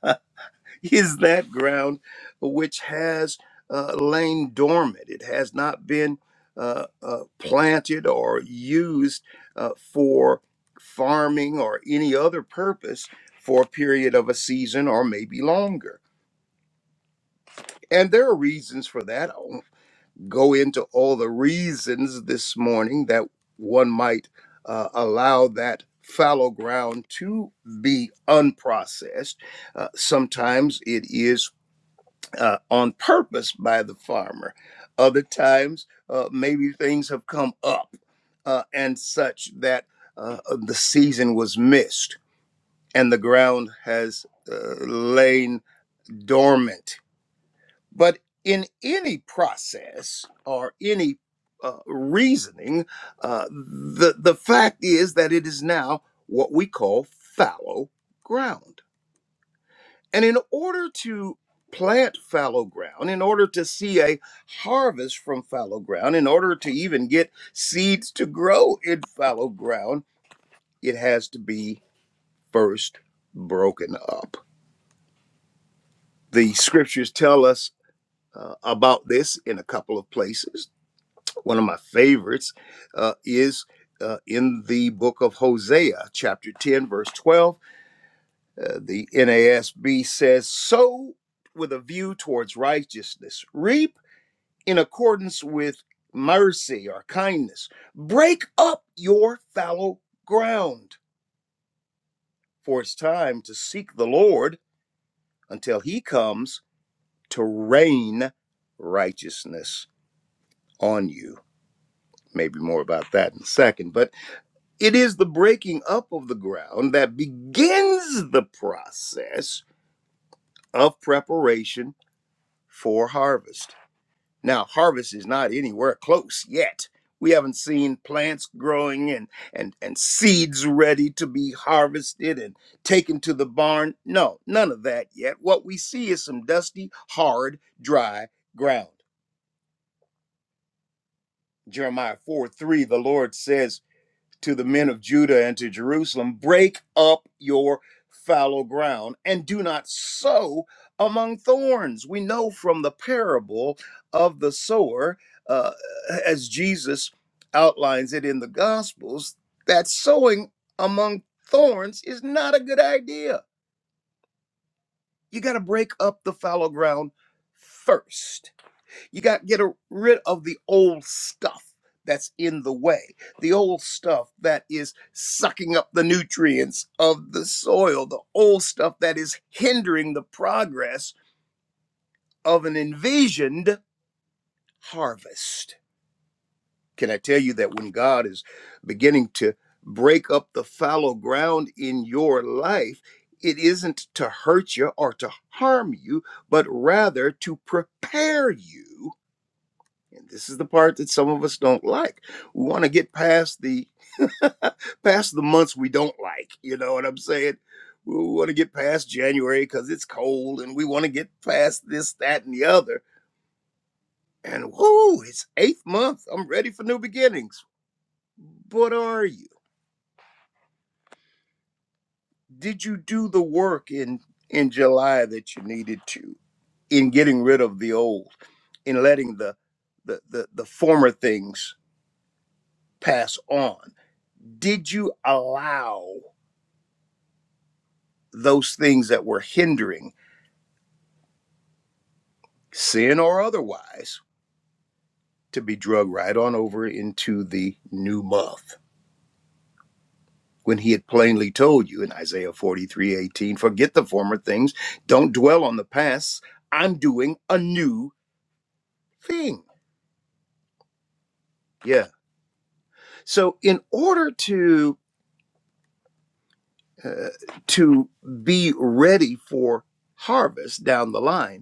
S5: <laughs> is that ground which has uh, lain dormant. It has not been uh, uh, planted or used uh, for farming or any other purpose for a period of a season or maybe longer. And there are reasons for that. I won't go into all the reasons this morning that one might uh, allow that fallow ground to be unprocessed. Uh, sometimes it is uh, on purpose by the farmer. Other times, uh, maybe things have come up uh, and such that uh, the season was missed and the ground has uh, lain dormant. But in any process or any uh, reasoning, uh, the, the fact is that it is now what we call fallow ground and in order to plant fallow ground, in order to see a harvest from fallow ground, in order to even get seeds to grow in fallow ground, it has to be first broken up. The scriptures tell us uh, about this in a couple of places. One of my favorites uh, is uh, in the book of Hosea, chapter 10, verse 12. Uh, the NASB says, Sow with a view towards righteousness, reap in accordance with mercy or kindness. Break up your fallow ground, for it's time to seek the Lord until he comes to rain righteousness on you. Maybe more about that in a second, but it is the breaking up of the ground that begins the process of preparation for harvest. Now, harvest is not anywhere close yet. We haven't seen plants growing and, and, and seeds ready to be harvested and taken to the barn. No, none of that yet. What we see is some dusty, hard, dry ground. Jeremiah 4 3, the Lord says, to the men of Judah and to Jerusalem, break up your fallow ground and do not sow among thorns. We know from the parable of the sower, uh, as Jesus outlines it in the Gospels, that sowing among thorns is not a good idea. You got to break up the fallow ground first. You got to get a- rid of the old stuff that's in the way, the old stuff that is sucking up the nutrients of the soil, the old stuff that is hindering the progress of an envisioned harvest. Can I tell you that when God is beginning to break up the fallow ground in your life, it isn't to hurt you or to harm you, but rather to prepare you? And this is the part that some of us don't like. We want to get past the <laughs> past the months we don't like. You know what I'm saying? We want to get past January because it's cold, and we want to get past this, that, and the other. And whoo, it's eighth month. I'm ready for new beginnings. But are you? Did you do the work in in July that you needed to in getting rid of the old, in letting the the the, the former things pass on? Did you allow? those things that were hindering, sin or otherwise, to be drug right on over into the new month. When he had plainly told you in Isaiah 43 18, forget the former things, don't dwell on the past, I'm doing a new thing. Yeah. So, in order to uh, to be ready for harvest down the line,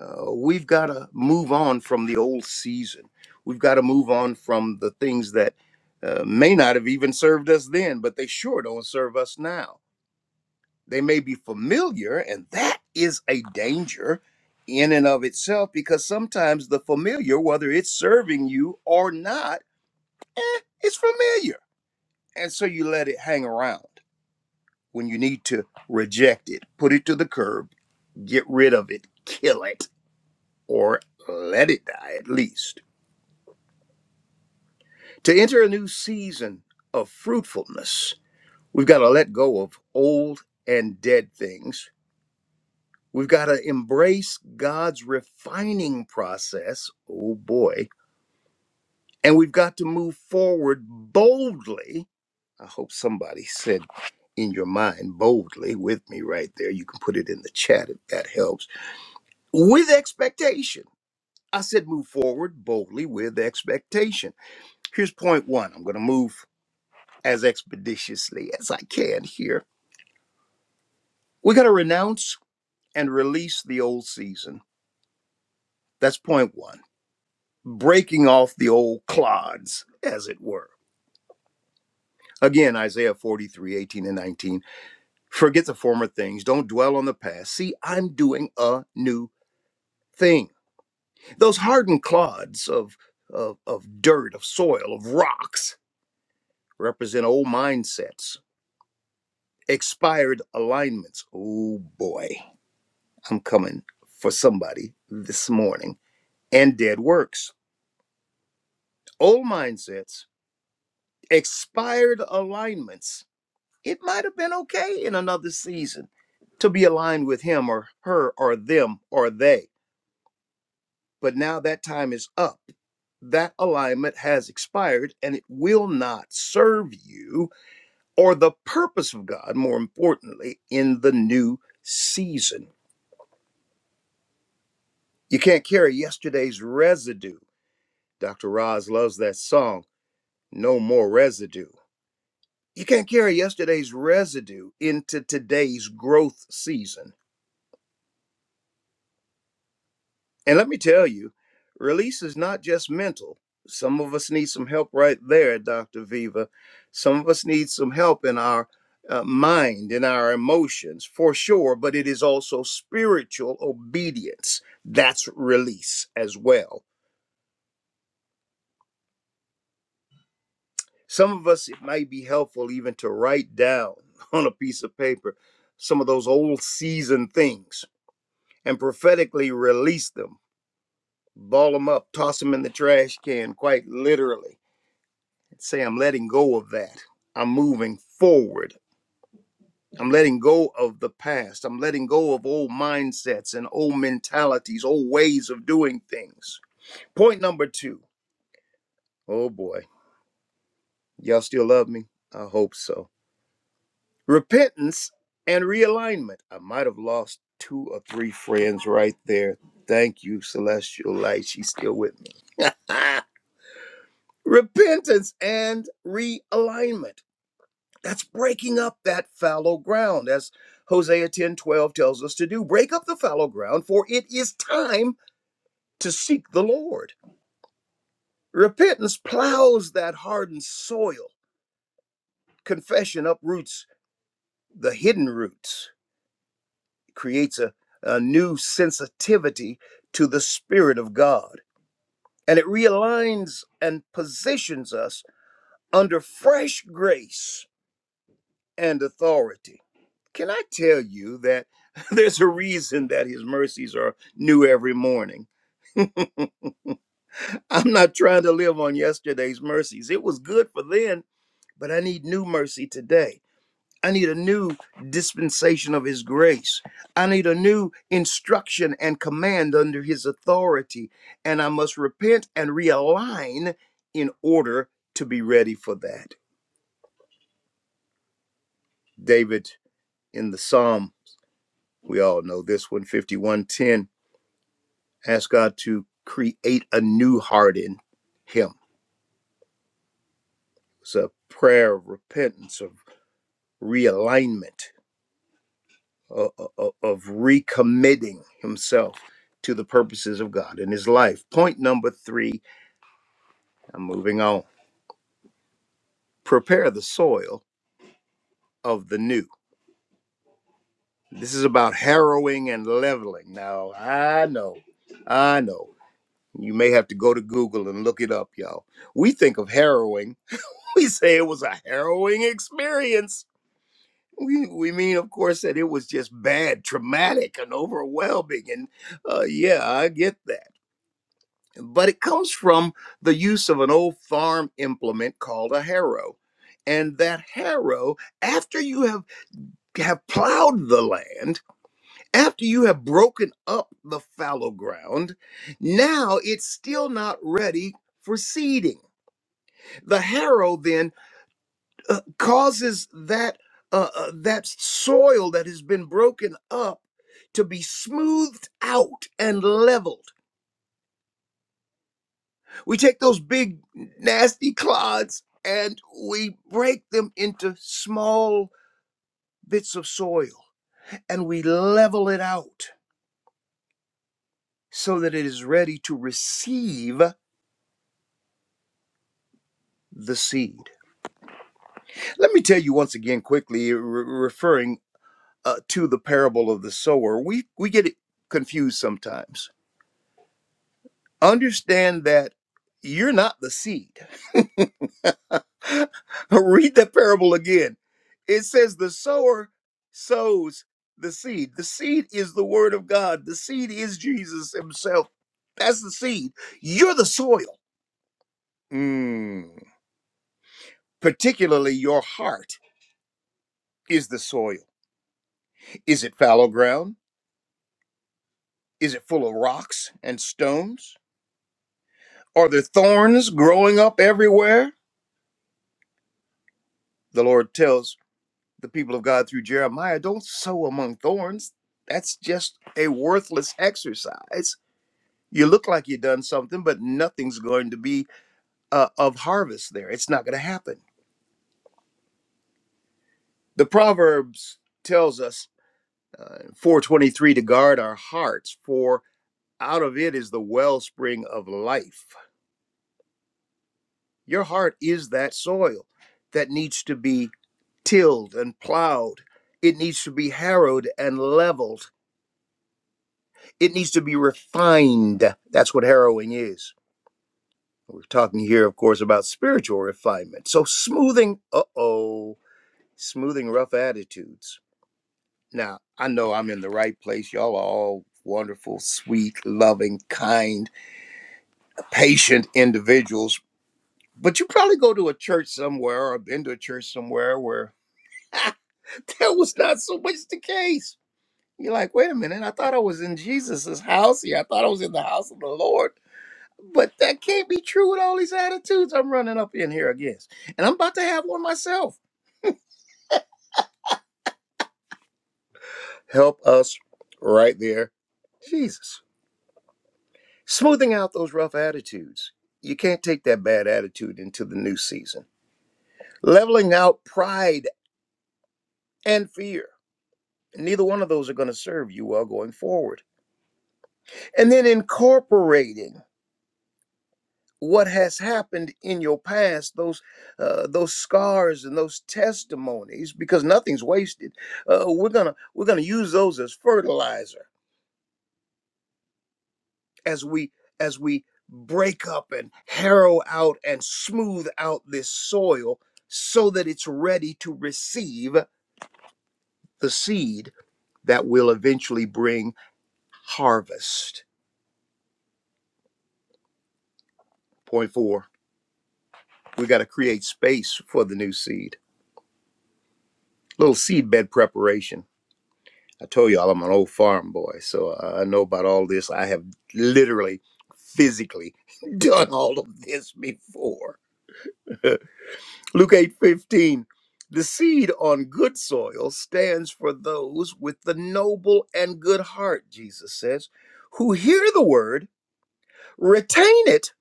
S5: Uh, we've got to move on from the old season. We've got to move on from the things that uh, may not have even served us then, but they sure don't serve us now. They may be familiar, and that is a danger in and of itself because sometimes the familiar, whether it's serving you or not, eh, it's familiar. And so you let it hang around when you need to reject it, put it to the curb, get rid of it, kill it, or let it die at least To enter a new season of fruitfulness, we've got to let go of old and dead things. We've got to embrace God's refining process. Oh boy. And we've got to move forward boldly. I hope somebody said in your mind boldly with me right there. You can put it in the chat if that helps. With expectation. I said move forward boldly with expectation. Here's point one. I'm going to move. as expeditiously as I can here. We're going to renounce and release the old season. That's point one, breaking off the old clods, as it were. Again, Isaiah 43, 18 and 19. Forget the former things. Don't dwell on the past. See, I'm doing a new thing. Those hardened clods of, of, of dirt, of soil, of rocks represent old mindsets, expired alignments. Oh boy I'm coming for somebody this morning. And dead works, old mindsets, expired alignments. It might have been okay in another season to be aligned with him or her or them or they. But now that time is up. That alignment has expired and it will not serve you or the purpose of God, more importantly, in the new season. You can't carry yesterday's residue. Dr. Roz loves that song no more residue. You can't carry yesterday's residue into today's growth season. And let me tell you, release is not just mental. Some of us need some help right there, Dr. Viva. Some of us need some help in our uh, mind, in our emotions, for sure, but it is also spiritual obedience. That's release as well. Some of us, it might be helpful even to write down <laughs> on a piece of paper some of those old season things and prophetically release them, ball them up, toss them in the trash can, quite literally. Say, I'm letting go of that. I'm moving forward. I'm letting go of the past. I'm letting go of old mindsets and old mentalities, old ways of doing things. Point number two. Oh boy, y'all still love me? I hope so. Repentance and realignment. I might have lost two or three friends right there. Thank you, Celestial Light. She's still with me. <laughs> repentance and realignment. That's breaking up that fallow ground, as Hosea 10 12 tells us to do. Break up the fallow ground, for it is time to seek the Lord. Repentance plows that hardened soil. Confession uproots the hidden roots, It creates a, a new sensitivity to the Spirit of God, and it realigns and positions us under fresh grace and authority Can I tell you that <laughs> there's a reason that his mercies are new every morning? I'm not trying to live on yesterday's mercies. It was good for then, but I need new mercy today. I need a new dispensation of his grace. I need a new instruction and command under his authority. And I must repent and realign in order to be ready for that. David in the Psalm, we all know this one, fifty-one, ten. Ask God to create a new heart in him. It's a prayer of repentance, of realignment, o- o- of recommitting himself to the purposes of God in his life. Point number three, I'm moving on. Prepare the soil of the new. This is about harrowing and leveling. Now, I know, I know. You may have to go to Google and look it up, y'all. We think of harrowing. <laughs> We say it was a harrowing experience We, we mean, of course, that it was just bad, traumatic, and overwhelming. And uh, yeah, I get that. But it comes from the use of an old farm implement called a harrow. And that harrow, after you have, have plowed the land, after you have broken up the fallow ground, now it's still not ready for seeding. The harrow then uh, causes that uh, uh, that soil that has been broken up to be smoothed out and leveled. We take those big nasty clods and we break them into small bits of soil and we level it out so that it is ready to receive the seed. Let me tell you once again quickly re- referring uh, to the parable of the sower. We we get it confused sometimes Understand that you're not the seed. <laughs> Read that parable again. It says the sower sows the seed. The seed is the word of God. The seed is Jesus himself. That's the seed. You're the soil. Mm. Particularly your heart is the soil. Is it fallow ground? Is it full of rocks and stones? Are there thorns growing up everywhere? The Lord tells the people of God through Jeremiah, don't sow among thorns. That's just a worthless exercise. You look like you've done something, but nothing's going to be uh, of harvest there. It's not going to happen. The Proverbs tells us uh, 423 to guard our hearts, for out of it is the wellspring of life. Your heart is that soil that needs to be tilled and plowed. It needs to be harrowed and leveled It needs to be refined. That's what harrowing is. We're talking here, of course, about spiritual refinement. So smoothing, uh oh, smoothing rough attitudes. Now, I know I'm in the right place. Y'all are all wonderful, sweet, loving, kind, patient individuals. But you probably go to a church somewhere or been to a church somewhere where <laughs> that was not so much the case. You're like, wait a minute, I thought I was in Jesus's house here. I thought I was in the house of the Lord. But that can't be true with all these attitudes I'm running up in here against. And I'm about to have one myself. Help us right there, Jesus. Smoothing out those rough attitudes. You can't take that bad attitude into the new season. Leveling out pride and fear. Neither one of those are going to serve you well going forward. And then incorporating. what has happened in your past those uh, those scars and those testimonies because nothing's wasted uh, we're gonna we're gonna use those as fertilizer as we as we break up and harrow out and smooth out this soil so that it's ready to receive the seed that will eventually bring harvest point four we got to create space for the new seed little seed bed preparation I told y'all I'm an old farm boy, so uh, I know about all this. I have literally, physically <laughs> done all of this before. <laughs> Luke eight fifteen, The seed on good soil stands for those with the noble and good heart, Jesus says, who hear the word, retain it,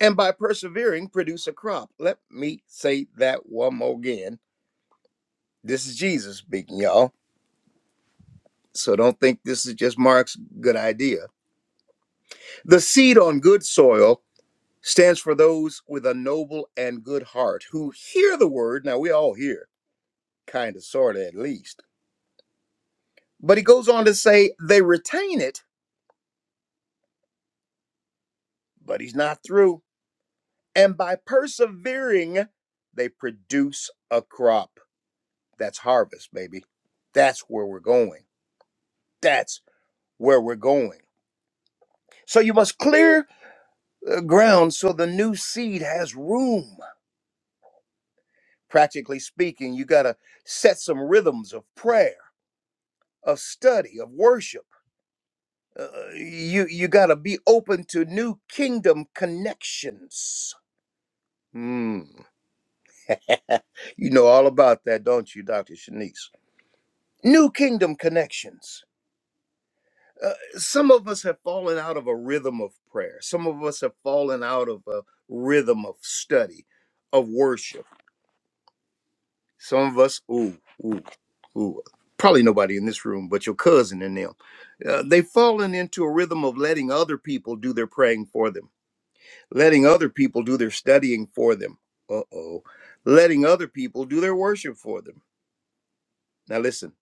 S5: and by persevering produce a crop. Let me say that one more again. This is Jesus speaking, y'all. So don't think this is just Mark's good idea. The seed on good soil stands for those with a noble and good heart who hear the word. Now, we all hear, kind of, sort of, at least. But he goes on to say they retain it, but he's not through. And by persevering, they produce a crop. That's harvest, baby. That's where we're going. That's where we're going. So you must clear the ground so the new seed has room. Practically speaking, you got to set some rhythms of prayer of study, of worship. Uh, you you got to be open to new kingdom connections. Mm. <laughs> You know all about that, don't you, Dr. Shanice? New kingdom connections. Uh, some of us have fallen out of a rhythm of prayer. Some of us have fallen out of a rhythm of study, of worship. Some of us, ooh, ooh, ooh, probably nobody in this room, but your cousin and them. Uh, they've fallen into a rhythm of letting other people do their praying for them letting other people do their studying for them. Uh oh. Letting other people do their worship for them. Now, listen,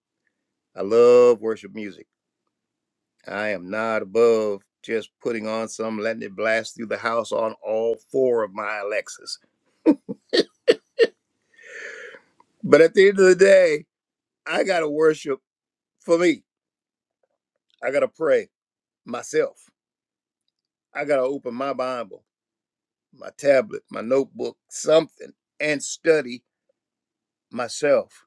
S5: I love worship music. I am not above just putting on some, letting it blast through the house on all four of my Alexas. But at the end of the day, I got to worship for me. I got to pray myself. I got to open my Bible, my tablet, my notebook, something, and study myself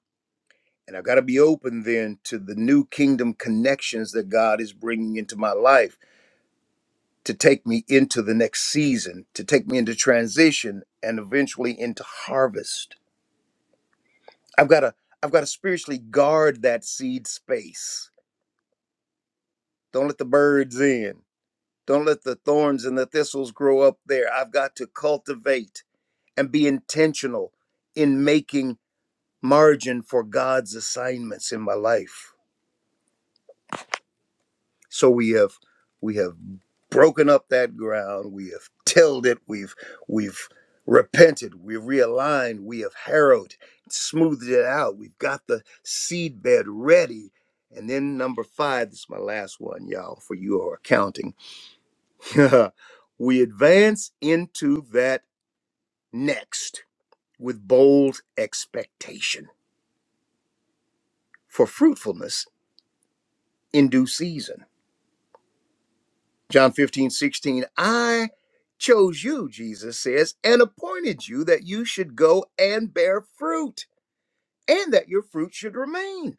S5: And I've got to be open then to the new kingdom connections that God is bringing into my life to take me into the next season, to take me into transition and eventually into harvest. I've got to I've got to spiritually guard that seed space. Don't let the birds in. Don't let the thorns and the thistles grow up there. I've got to cultivate and be intentional in making margin for God's assignments in my life. So we have we have broken up that ground. We have tilled it. We've we've repented. We've realigned. We have harrowed, smoothed it out. We've got the seed bed ready. And then number five, this is my last one, y'all, for you who are counting. <laughs> we advance into that next with bold expectation for fruitfulness in due season. John 15 16 I chose you, Jesus says, and appointed you that you should go and bear fruit and that your fruit should remain.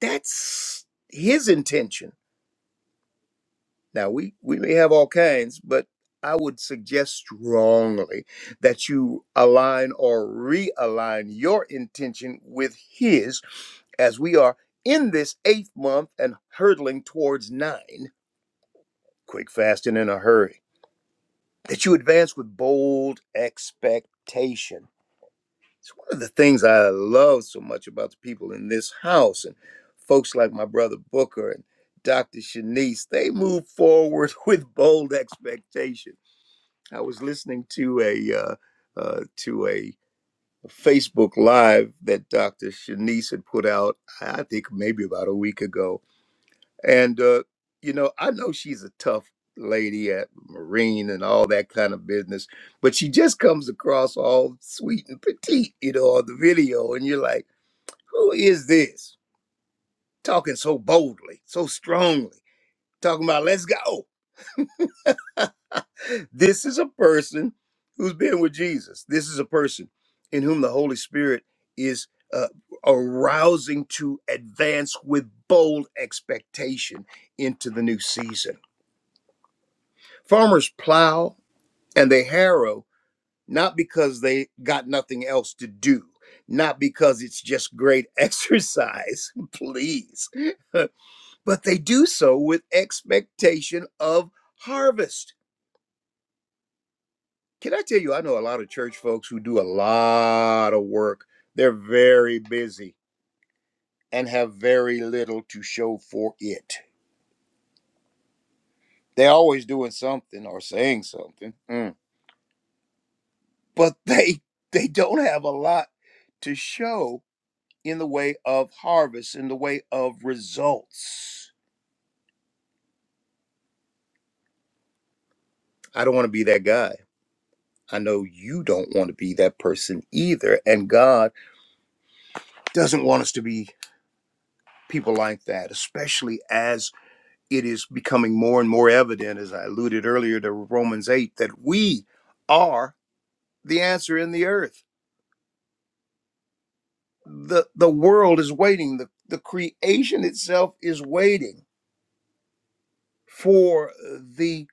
S5: That's his intention. Now, we, we may have all kinds, but I would suggest strongly that you align or realign your intention with his as we are in this eighth month and hurtling towards nine. Quick fasting in a hurry that you advance with bold expectation. It's one of the things I love so much about the people in this house and folks like my brother Booker and Dr. Shanice. They move forward <laughs> with bold expectation. I was listening to a uh, uh, to a Facebook live that Dr. Shanice had put out, I think maybe about a week ago, and uh, you know, I know she's a tough lady at Marine and all that kind of business, but she just comes across all sweet and petite, you know, on the video, and you're like, who is this talking so boldly, so strongly, talking about let's go? <laughs> this is a person who's been with Jesus. This is a person in whom the Holy Spirit is uh, arousing to advance with bold expectation into the new season Farmers plow and they harrow not because they got nothing else to do, not because it's just great <laughs> exercise, please, <laughs> but they do so with expectation of harvest. Can I tell you, I know a lot of church folks who do a lot of work, they're very busy and have very little to show for it. They're always doing something or saying something, mm, but they they don't have a lot to show in the way of harvest, in the way of results. I don't want to be that guy. I know you don't want to be that person either. And God doesn't want us to be people like that, especially as it is becoming more and more evident, as I alluded earlier to Romans 8, that we are the answer in the earth. The, the world is waiting, the, the creation itself is waiting for the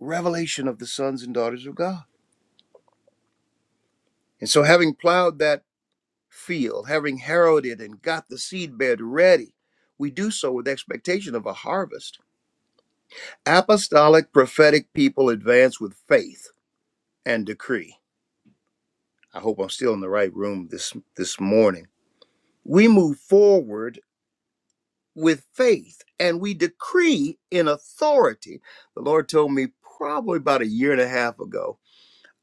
S5: revelation of the sons and daughters of God. And so, having plowed that field, having heralded and got the seedbed ready, we do so with expectation of a harvest. Apostolic prophetic people advance with faith and decree. I hope I'm still in the right room this this morning. We move forward with faith and we decree in authority. The Lord told me probably about a year and a half ago,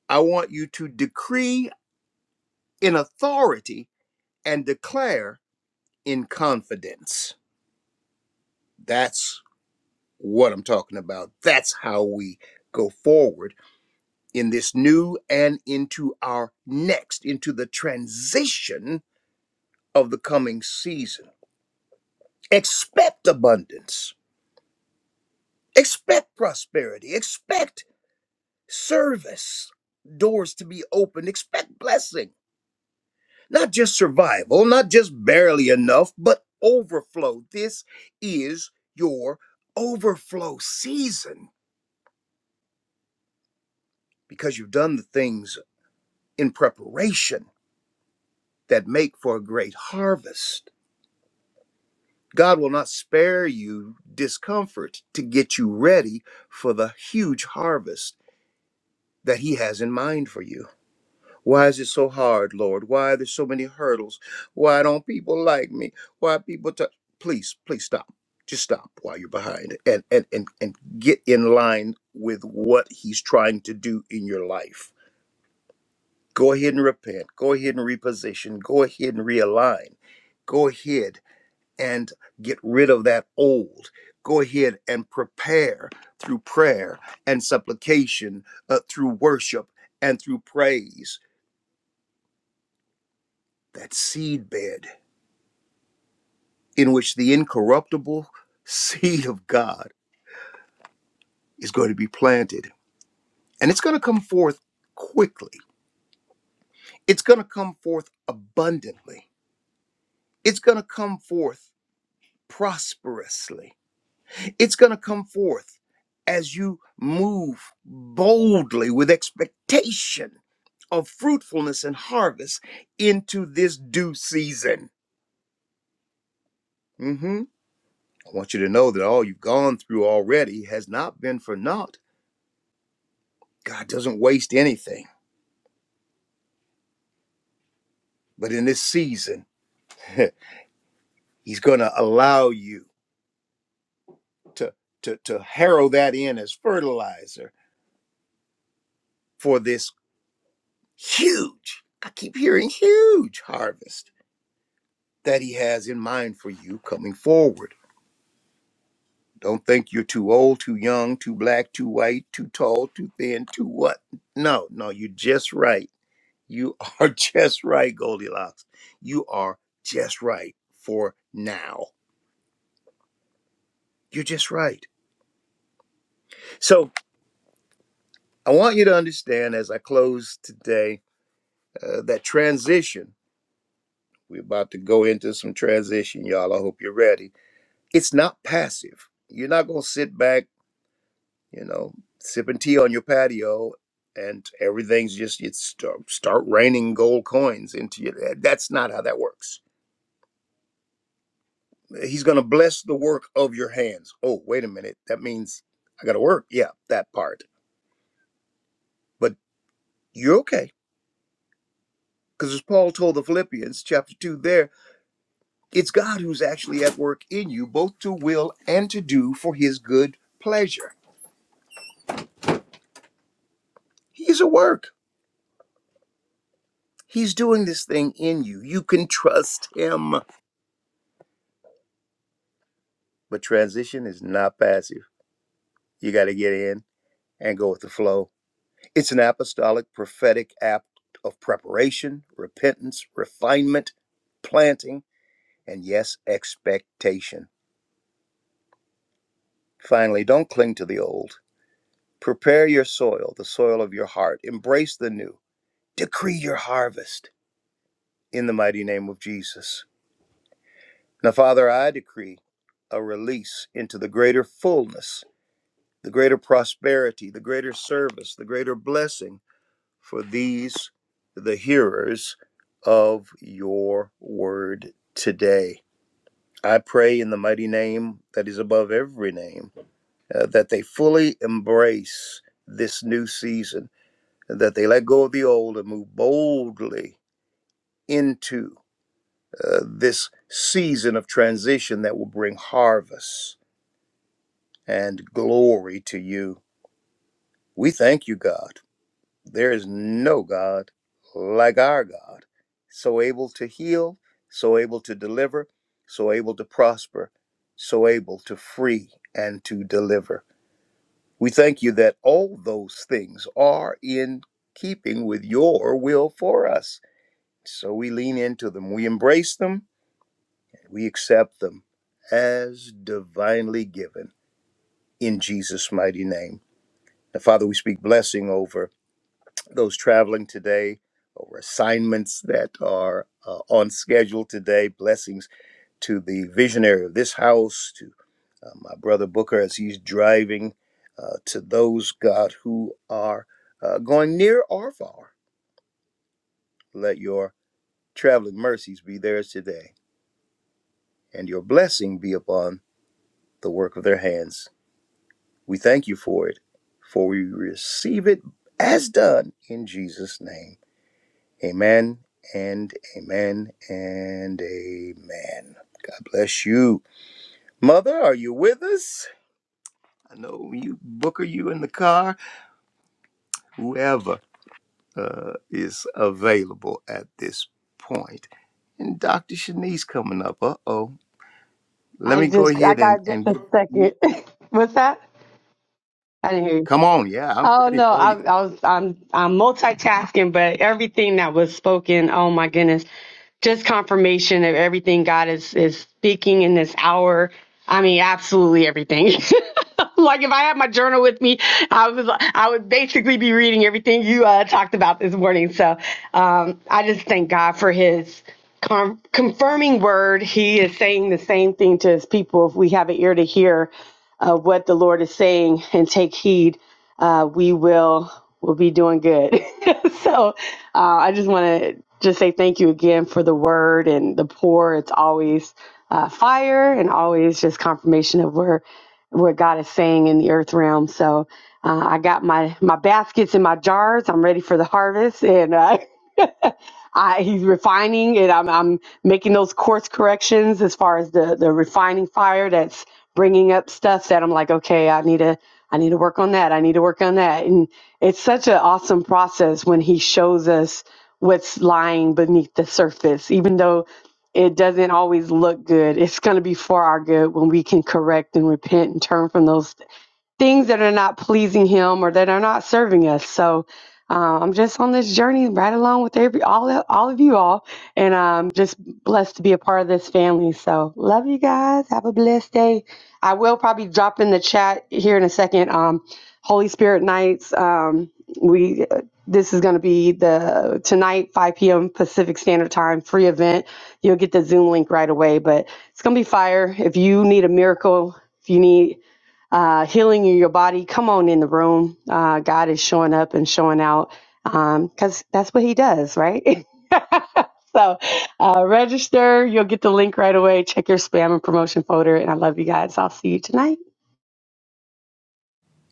S5: I want you to decree in authority and declare in confidence. That's what I'm talking about. That's how we go forward in this new and into our next, into the transition of the coming season. Expect abundance, expect prosperity, expect service, doors to be opened, expect blessing, not just survival, not just barely enough, but overflow. This is your overflow season because you've done the things in preparation that make for a great harvest. God will not spare you discomfort to get you ready for the huge harvest that He has in mind for you. Why is it so hard, Lord? Why are there so many hurdles? Why don't people like me? Why people t- please, please stop. Just stop while you're behind and, and and and get in line with what he's trying to do in your life. Go ahead and repent. Go ahead and reposition. Go ahead and realign. Go ahead and get rid of that old. Go ahead and prepare through prayer and supplication, uh, through worship and through praise, that seed bed in which the incorruptible <laughs> seed of God is going to be planted. And it's going to come forth quickly, it's going to come forth abundantly, it's going to come forth prosperously It's going to come forth as you move boldly with expectation of fruitfulness and harvest into this due season. hmm I want you to know that all you've gone through already has not been for naught. God doesn't waste anything. But in this season, <laughs> He's going to allow you to, to, to harrow that in as fertilizer for this huge, I keep hearing huge harvest that he has in mind for you coming forward. Don't think you're too old, too young, too black, too white, too tall, too thin, too what. No, no, you're just right. You are <laughs> just right, Goldilocks. You are just right for now. You're just right. So I want you to understand as I close today uh, that transition. We're about to go into some transition, y'all. I hope you're ready. It's not passive. You're not going to sit back you know, sipping tea on your patio, and everything's just it's start, start raining gold coins into you. That- That's not how that works. He's going to bless the work of your hands. Oh, wait a minute. That means I got to work. Yeah, that part. But you're okay. Because as Paul told the Philippians, chapter 2, there, it's God who's actually at work in you, both to will and to do for his good pleasure. He's at work. He's doing this thing in you. You can trust him. But transition is not passive. You got to get in and go with the flow. It's an apostolic prophetic act of preparation, repentance, refinement, planting, and yes, expectation. Finally, don't cling to the old. Prepare your soil, the soil of your heart. Embrace the new. Decree your harvest in the mighty name of Jesus. Now, Father, I decree a release into the greater fullness, the greater prosperity, the greater service, the greater blessing for these, the hearers of your word today. I pray in the mighty name that is above every name uh, that they fully embrace this new season, that they let go of the old and move boldly into uh, this season of transition that will bring harvest and glory to you. We thank you, God. There is no God like our God, so able to heal, so able to deliver, so able to prosper, so able to free and to deliver. We thank you that all those things are in keeping with your will for us. So we lean into them, we embrace them, we accept them as divinely given in Jesus' mighty name. Now, Father, we speak blessing over. those traveling today or assignments that are uh, on schedule today. Blessings to the visionary of this house, to uh, my brother Booker as he's driving, uh, to those, God, who are uh, going near or far. Let your traveling mercies be theirs today and your blessing be upon the work of their hands. We thank you for it, for we receive it as done in Jesus' name. Amen and amen and amen. God bless you. Mother, are you with us? I know you, Booker, you in the car, whoever uh, is available at this point. And Dr. Shanice coming up. Uh oh. Let
S4: I
S5: me go
S4: just, I
S5: ahead and,
S4: got just
S5: and
S4: a
S5: give you.
S4: second. <laughs> What's that? I didn't hear you.
S5: Come on. Yeah, I'm
S4: Oh
S5: ready
S4: no,
S5: for
S4: I,
S5: you.
S4: I was I'm I'm multitasking, but everything that was spoken, oh my goodness, just confirmation of everything God is is speaking in this hour. I mean, absolutely everything. <laughs> <laughs> like if I had my journal with me, I was I would basically be reading everything you uh, talked about this morning. So um, I just thank God for His con confirming word. He is saying the same thing to His people. If we have an ear to hear uh, what the Lord is saying and take heed, uh, we will will be doing good. <laughs> so uh, I just want to just say thank you again for the word and the pour. It's always uh, fire and always just confirmation of where what God is saying in the earth realm. So uh, I got my my baskets and my jars. I'm ready for the harvest, and uh, <laughs> I, he's refining, and I'm I'm making those course corrections as far as the the refining fire that's bringing up stuff that I'm like, okay, I need to I need to work on that. I need to work on that, and it's such an awesome process when he shows us what's lying beneath the surface, even though. It doesn't always look good. It's going to be for our good when we can correct and repent and turn from those things that are not pleasing him or that are not serving us. So uh, I'm just on this journey right along with every all of- all of you all, and I'm just blessed to be a part of this family. So love you guys. Have a blessed day. I will probably drop in the chat here in a second. Um, Holy Spirit nights. Um, we this is going to be the tonight 5 p.m. Pacific Standard Time free event. You'll get the Zoom link right away, but it's going to be fire. If you need a miracle, if you need uh, healing in your body. Come on in the room. Uh, God is showing up and showing out because that's what He does, right? <laughs> so uh, register. You'll get the link right away. Check your spam and promotion folder. And I love you guys. I'll see you tonight.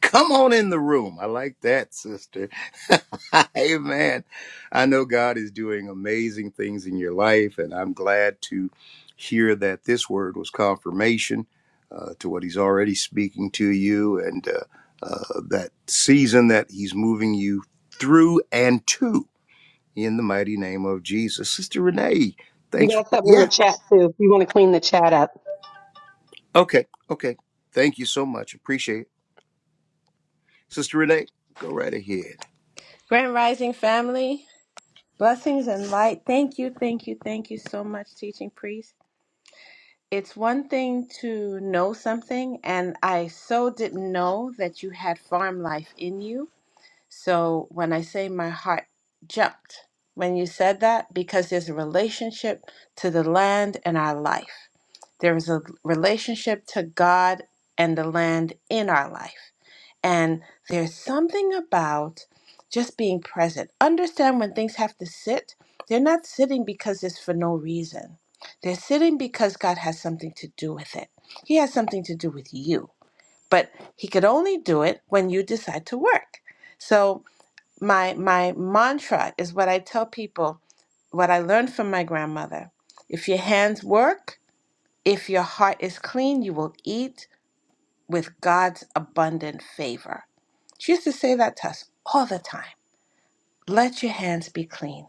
S5: Come on in the room. I like that, sister. <laughs> Amen. I know God is doing amazing things in your life, and I'm glad to hear that this word was confirmation uh, to what He's already speaking to you and uh, uh, that season that He's moving you through and to in the mighty name of Jesus. Sister Renee,
S4: You
S5: thanks for
S4: got
S5: that.
S4: something in the
S5: Yeah.
S4: chat too. If you want to clean the chat up.
S5: Okay. Okay. Thank you so much. Appreciate it. Sister Renee, go right ahead.
S6: Grand Rising family, blessings and light. Thank you, thank you, thank you so much, teaching priest. It's one thing to know something, and I so didn't know that you had farm life in you. So when I say my heart jumped when you said that, because there's a relationship to the land and our life, there is a relationship to God and the land in our life. And there's something about just being present. Understand when things have to sit, they're not sitting because it's for no reason. They're sitting because God has something to do with it. He has something to do with you, but He could only do it when you decide to work. So, my, my mantra is what I tell people, what I learned from my grandmother. If your hands work, if your heart is clean, you will eat with God's abundant favor. She used to say that to us all the time let your hands be clean.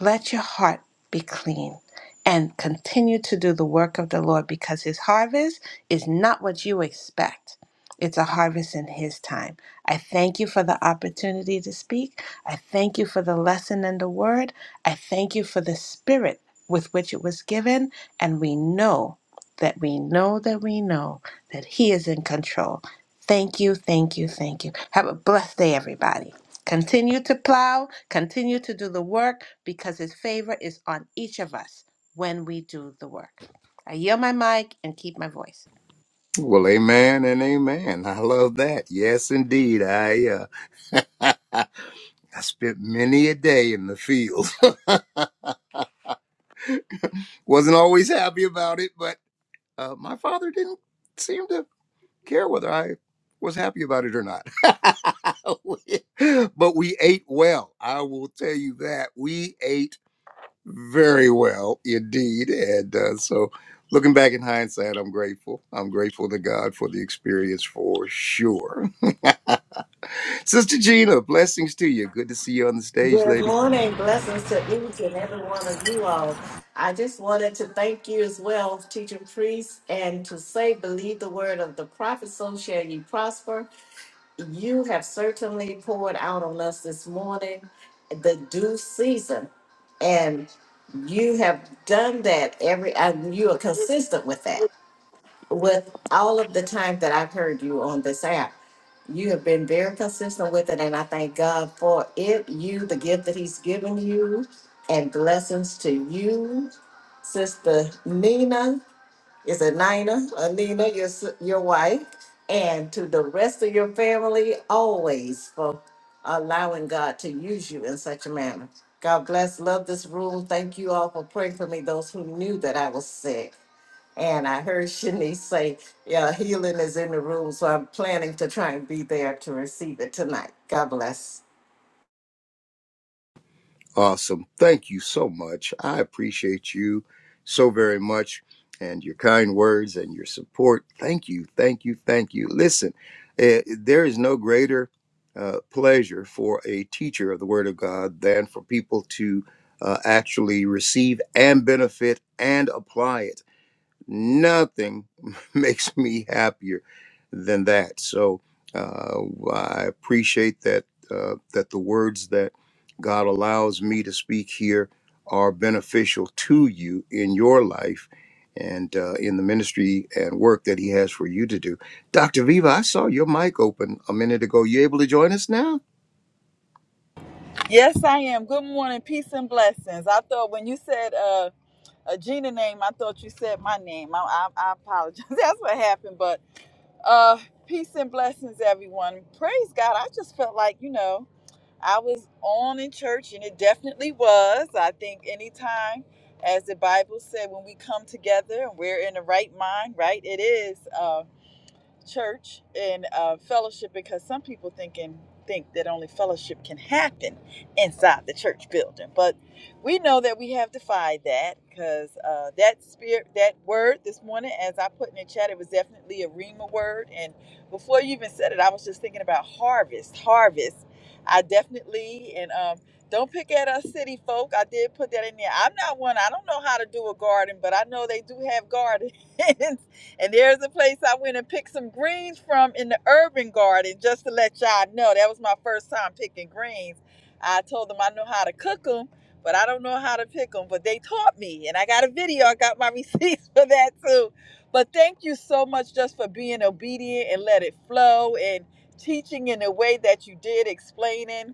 S6: Let your heart be clean and continue to do the work of the Lord because his harvest is not what you expect. It's a harvest in his time. I thank you for the opportunity to speak. I thank you for the lesson and the word. I thank you for the spirit with which it was given. And we know that we know that we know that he is in control. Thank you, thank you, thank you. Have a blessed day, everybody. Continue to plow, continue to do the work because His favor is on each of us when we do the work. I yield my mic and keep my voice.
S5: Well, amen and amen. I love that. Yes, indeed. I uh, <laughs> I spent many a day in the field. <laughs> Wasn't always happy about it, but uh, my father didn't seem to care whether I was happy about it or not. <laughs> but we ate well. I will tell you that we ate very well indeed, and uh, so. Looking back in hindsight, I'm grateful. I'm grateful to God for the experience for sure. <laughs> Sister Gina, blessings to you. Good to see you on the stage,
S7: Good
S5: lady.
S7: morning. Blessings to each and every one of you all. I just wanted to thank you as well, teacher priest, and to say, believe the word of the prophet, so shall you prosper. You have certainly poured out on us this morning the due season, and you have done that every, and you are consistent with that with all of the time that I've heard you on this app, you have been very consistent with it, and I thank God for it. You, the gift that He's given you, and blessings to you, Sister Nina. Is it Nina? Uh, Nina, your s- your wife, and to the rest of your family, always for allowing God to use you in such a manner. God bless. Love this room. Thank you all for praying for me. Those who knew that I was sick. And I heard Shanice say, yeah, healing is in the room. So I'm planning to try and be there to receive it tonight. God bless.
S5: Awesome. Thank you so much. I appreciate you so very much and your kind words and your support. Thank you. Thank you. Thank you. Listen, eh, there is no greater uh, pleasure for a teacher of the Word of God than for people to uh, actually receive and benefit and apply it. nothing <laughs> makes me happier than that. So uh, I appreciate that uh, that the words that God allows me to speak here are beneficial to you in your life and uh, in the ministry and work that He has for you to do. Dr. Viva, I saw your mic open a minute ago. You able to join us now?
S8: Yes, I am. Good morning, peace and blessings. I thought when you said uh, a Gina name, I thought you said my name. I, I, I apologize. <laughs> That's what happened. But uh, peace and blessings, everyone. Praise God. I just felt like you know I was on in church, and it definitely was. I think anytime, as the Bible said, when we come together and we're in the right mind, right, it is. uh, church and uh, fellowship because some people thinking think that only fellowship can happen inside the church building but we know that we have defied that because uh, that spirit that word this morning as i put in the chat it was definitely a rhema word and before you even said it i was just thinking about harvest harvest i definitely and um, don't pick at us city folk i did put that in there i'm not one i don't know how to do a garden but i know they do have gardens <laughs> And there's a place I went and picked some greens from in the urban garden, just to let y'all know. That was my first time picking greens. I told them I know how to cook them, but I don't know how to pick them. But they taught me, and I got a video. I got my <laughs> receipts for that too. But thank you so much just for being obedient and let it flow and teaching in the way that you did, explaining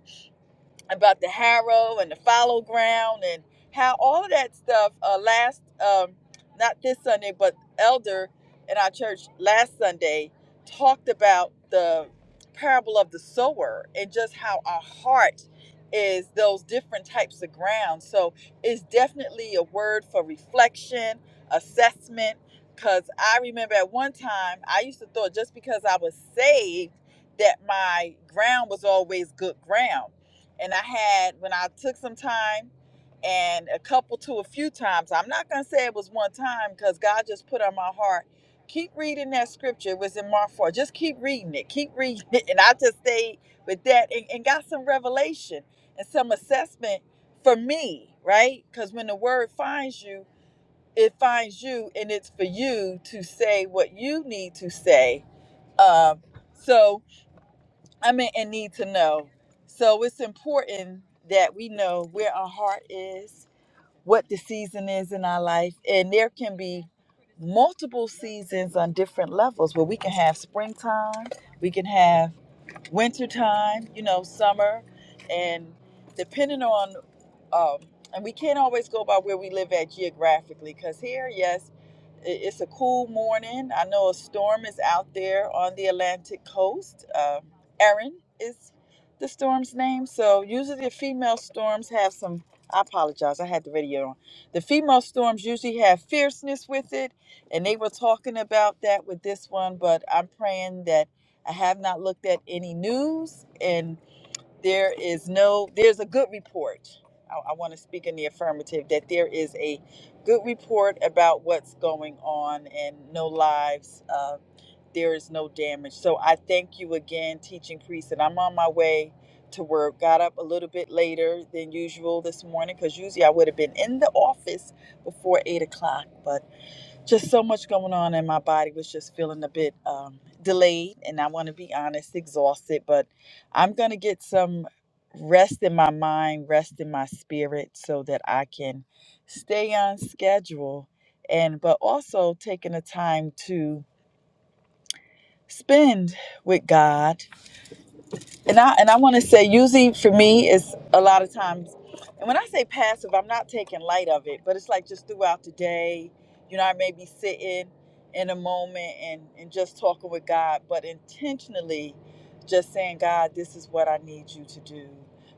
S8: about the harrow and the fallow ground and how all of that stuff uh, last um, not this sunday but elder in our church last sunday talked about the parable of the sower and just how our heart is those different types of ground so it's definitely a word for reflection assessment because i remember at one time i used to thought just because i was saved that my ground was always good ground and I had when I took some time and a couple to a few times. I'm not gonna say it was one time because God just put on my heart. Keep reading that scripture. It was in Mark 4. Just keep reading it. Keep reading <laughs> it. And I just stayed with that and, and got some revelation and some assessment for me, right? Because when the word finds you, it finds you and it's for you to say what you need to say. Um, so I mean, and need to know. So it's important that we know where our heart is, what the season is in our life, and there can be multiple seasons on different levels where we can have springtime, we can have winter time, you know, summer, and depending on, um, and we can't always go by where we live at geographically, because here, yes, i- it's a cool morning. I know a storm is out there on the Atlantic coast. Um Erin is the storm's name. So usually the female storms have some. I apologize. I had the radio on. The female storms usually have fierceness with it, and they were talking about that with this one. But I'm praying that I have not looked at any news, and there is no, there's a good report. I, I want to speak in the affirmative that there is a good report about what's going on and no lives. Uh, there is no damage. So I thank you again, teaching priest, and I'm on my way to work. Got up a little bit later than usual this morning because usually I would have been in the office before eight o'clock, but just so much going on and my body was just feeling a bit um, delayed and i want to be honest exhausted but i'm going to get some rest in my mind rest in my spirit so that i can stay on schedule and but also taking the time to spend with god and I and I want to say, usually for me, it's a lot of times. And when I say passive, I'm not taking light of it, but it's like just throughout the day. You know, I may be sitting in a moment and and just talking with God, but intentionally, just saying, God, this is what I need you to do.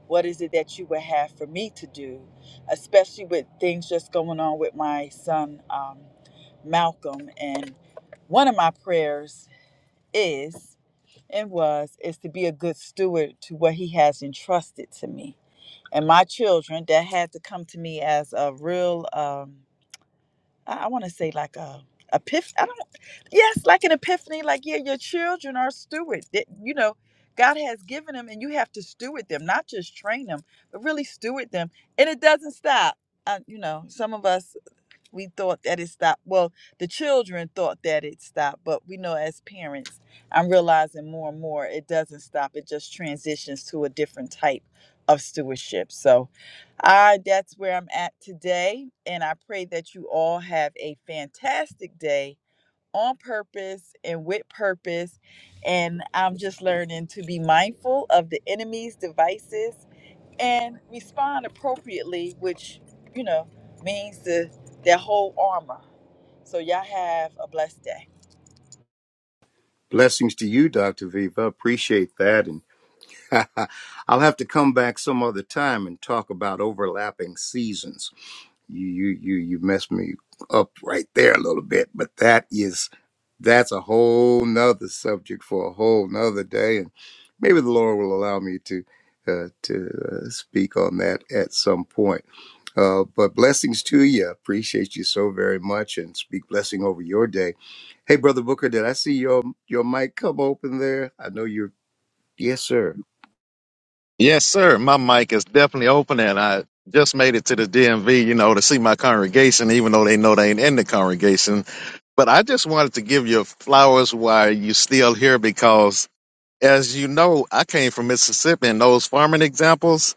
S8: What is it that you would have for me to do, especially with things just going on with my son, um, Malcolm. And one of my prayers is and was is to be a good steward to what he has entrusted to me and my children that had to come to me as a real um i, I want to say like a epiphany i don't yes like an epiphany like yeah your children are stewards that you know god has given them and you have to steward them not just train them but really steward them and it doesn't stop uh, you know some of us we thought that it stopped. Well, the children thought that it stopped, but we know as parents, I'm realizing more and more it doesn't stop. It just transitions to a different type of stewardship. So, I that's where I'm at today, and I pray that you all have a fantastic day on purpose and with purpose. And I'm just learning to be mindful of the enemy's devices and respond appropriately, which, you know, means the their whole armor. So y'all have a blessed day.
S5: Blessings to you, Dr. Viva. Appreciate that. And <laughs> I'll have to come back some other time and talk about overlapping seasons you you you you messed me up right there a little bit but that is that's a whole nother subject for a whole nother day and maybe the lord will allow me to uh, to uh, speak on that at some point uh, but blessings to you appreciate you so very much and speak blessing over your day hey brother booker did i see your your mic come open there i know you're yes sir
S3: Yes, sir. My mic is definitely open, and I just made it to the DMV, you know, to see my congregation, even though they know they ain't in the congregation. But I just wanted to give you flowers while you still here because as you know, I came from Mississippi, and those farming examples,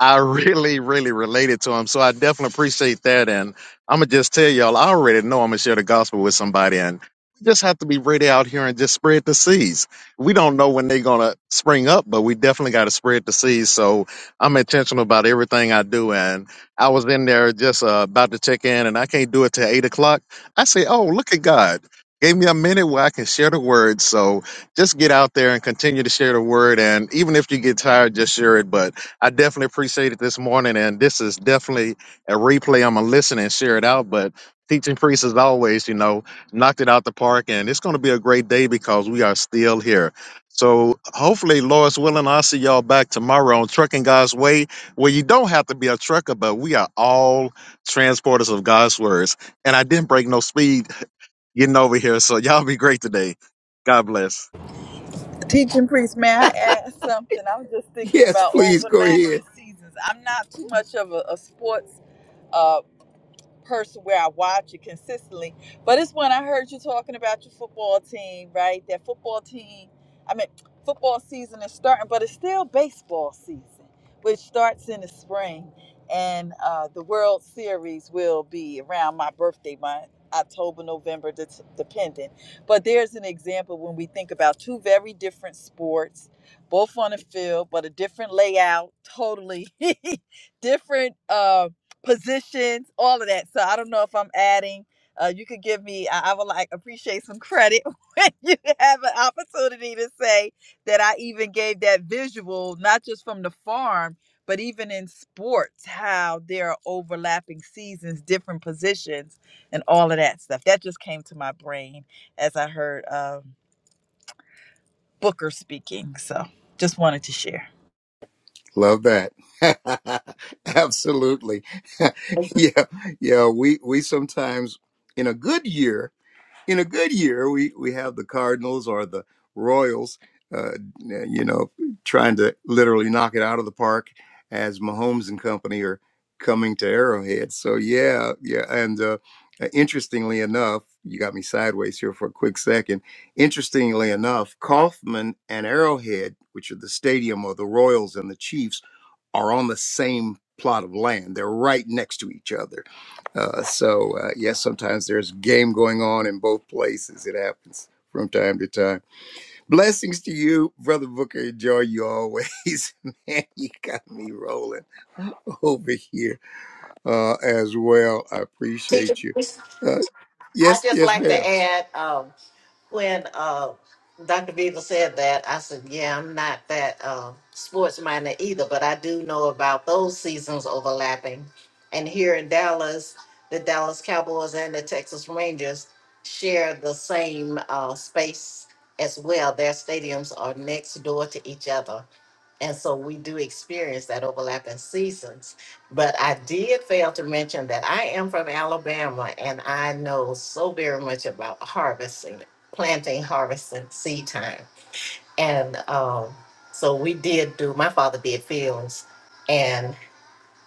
S3: I <laughs> really, really related to them. So I definitely appreciate that. And I'm going to just tell y'all, I already know I'm going to share the gospel with somebody. And we just have to be ready out here and just spread the seeds. We don't know when they're going to spring up, but we definitely got to spread the seeds. So I'm intentional about everything I do. And I was in there just uh, about to check in, and I can't do it till eight o'clock. I say, oh, look at God. Gave me a minute where I can share the word. So just get out there and continue to share the word. And even if you get tired, just share it. But I definitely appreciate it this morning. And this is definitely a replay. I'm going to listen and share it out. But teaching priest, as always, you know, knocked it out the park. And it's going to be a great day because we are still here. So hopefully, Lord's willing, I'll see y'all back tomorrow on Trucking God's Way, where you don't have to be a trucker, but we are all transporters of God's words. And I didn't break no speed getting over here. So <laughs> y'all be great today. God bless.
S8: Teaching priest, may I add something? I was just
S5: <laughs>
S8: thinking
S5: yes
S8: about
S5: please go ahead
S8: overlapping seasons. I'm not too much of a, a sports. uh, person where I watch it consistently. But it's when I heard you talking about your football team, right? That football team, I mean, football season is starting, but it's still baseball season, which starts in the spring. And uh, the World Series will be around my birthday month, October, November, det- depending. But there's an example when we think about two very different sports, both on the field, but a different layout, totally <laughs> different. uh, positions, all of that. So I don't know if I'm adding. Uh, you could give me. I, I would like appreciate some credit <laughs> when you have an opportunity to say that I even gave that visual, not just from the farm, but even in sports, how there are overlapping seasons, different positions, and all of that stuff. That just came to my brain as I heard um, Booker speaking. So just wanted to share.
S5: Love that. <laughs> Absolutely. <laughs> yeah. Yeah. We, we sometimes in a good year, in a good year, we, we have the Cardinals or the Royals, uh, you know, trying to literally knock it out of the park as Mahomes and company are coming to Arrowhead. So yeah. Yeah. And, uh, interestingly enough, you got me sideways here for a quick second. Interestingly enough, Kaufman and Arrowhead, which are the stadium of the Royals and the Chiefs, are on the same plot of land. They're right next to each other. Uh, so, uh, yes, sometimes there's game going on in both places. It happens from time to time. Blessings to you, Brother Booker. Enjoy you always. <laughs> Man, you got me rolling <laughs> over here uh, as well. I
S7: Teacher,
S5: appreciate you. Uh,
S7: I
S5: yes,
S7: just
S5: yes,
S7: like to
S5: ma'am.
S7: add um, when uh, Dr. Beaver said that, I said, yeah, I'm not that uh, sports minded either, but I do know about those seasons overlapping. And here in Dallas, the Dallas Cowboys and the Texas Rangers share the same uh, space as well. Their stadiums are next door to each other. And so we do experience that overlap in seasons. But I did fail to mention that I am from Alabama and I know so very much about harvesting, planting, harvesting, seed time. And um, so we did do, my father did fields. and.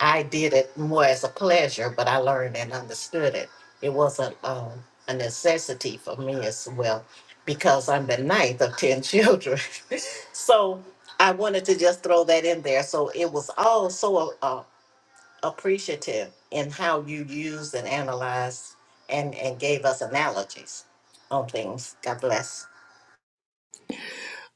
S7: I did it more as a pleasure, but I learned and understood it. It wasn't um, a necessity for me as well, because I'm the ninth of 10 children. <laughs> so I wanted to just throw that in there. So it was all so uh, appreciative in how you used and analyzed and, and gave us analogies on things. God bless.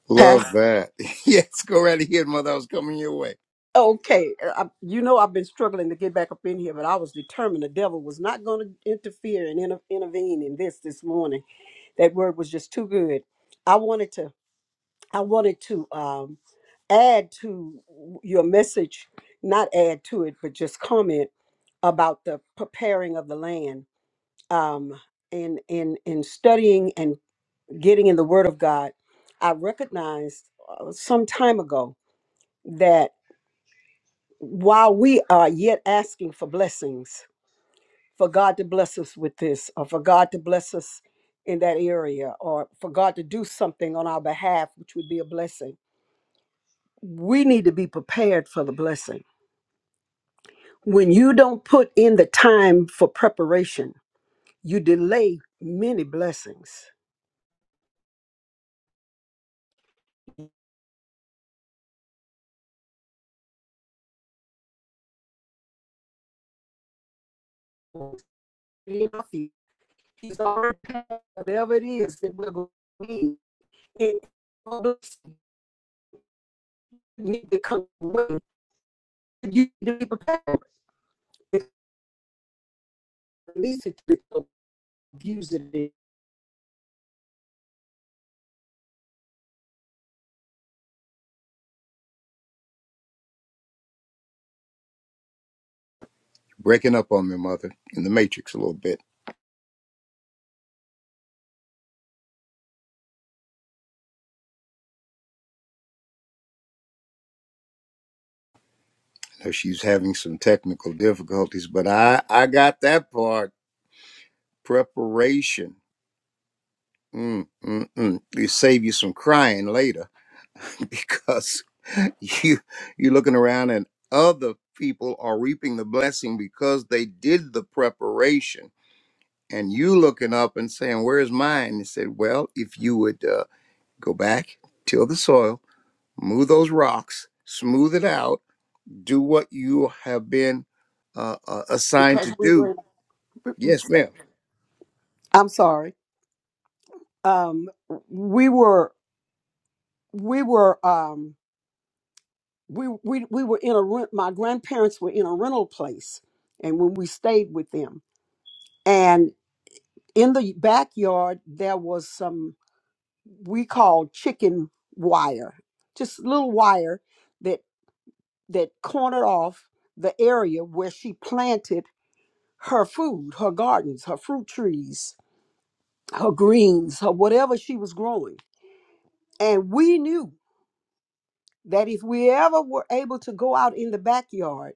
S5: Love that. <laughs> Yes, go right ahead, Mother. I was coming your way.
S2: Okay, uh, I, you know I've been struggling to get back up in here, but I was determined the devil was not going to interfere and inter- intervene in this this morning. That word was just too good. I wanted to, I wanted to um, add to your message, not add to it, but just comment about the preparing of the land. Um, in in in studying and getting in the Word of God, I recognized uh, some time ago while we are yet asking for blessings, for God to bless us with this, or for God to bless us in that area, or for God to do something on our behalf, which would be a blessing, we need to be prepared for the blessing. When you don't put in the time for preparation, you delay many blessings. He's already paid whatever it is that we're going to need. It- need to come. You need to be prepared release it to people abuse it
S5: Breaking up on me, Mother, in the Matrix a little bit. know she's having some technical difficulties, but I I got that part. Preparation. Mm, mm, mm. It save you some crying later <laughs> because you you're looking around and other people are reaping the blessing because they did the preparation, and you looking up and saying, "Where's mine?" And said, "Well, if you would uh, go back, till the soil, move those rocks, smooth it out, do what you have been uh, uh, assigned
S2: because
S5: to
S2: we
S5: do."
S2: were
S5: Yes, ma'am.
S2: I'm sorry. Um we were we were um we we we were in a rent my grandparents were in a rental place and when we stayed with them and in the backyard there was some we called chicken wire just little wire that that cornered off the area where she planted her food her gardens her fruit trees her greens, her whatever she was growing. And we knew that if we ever were able to go out in the backyard,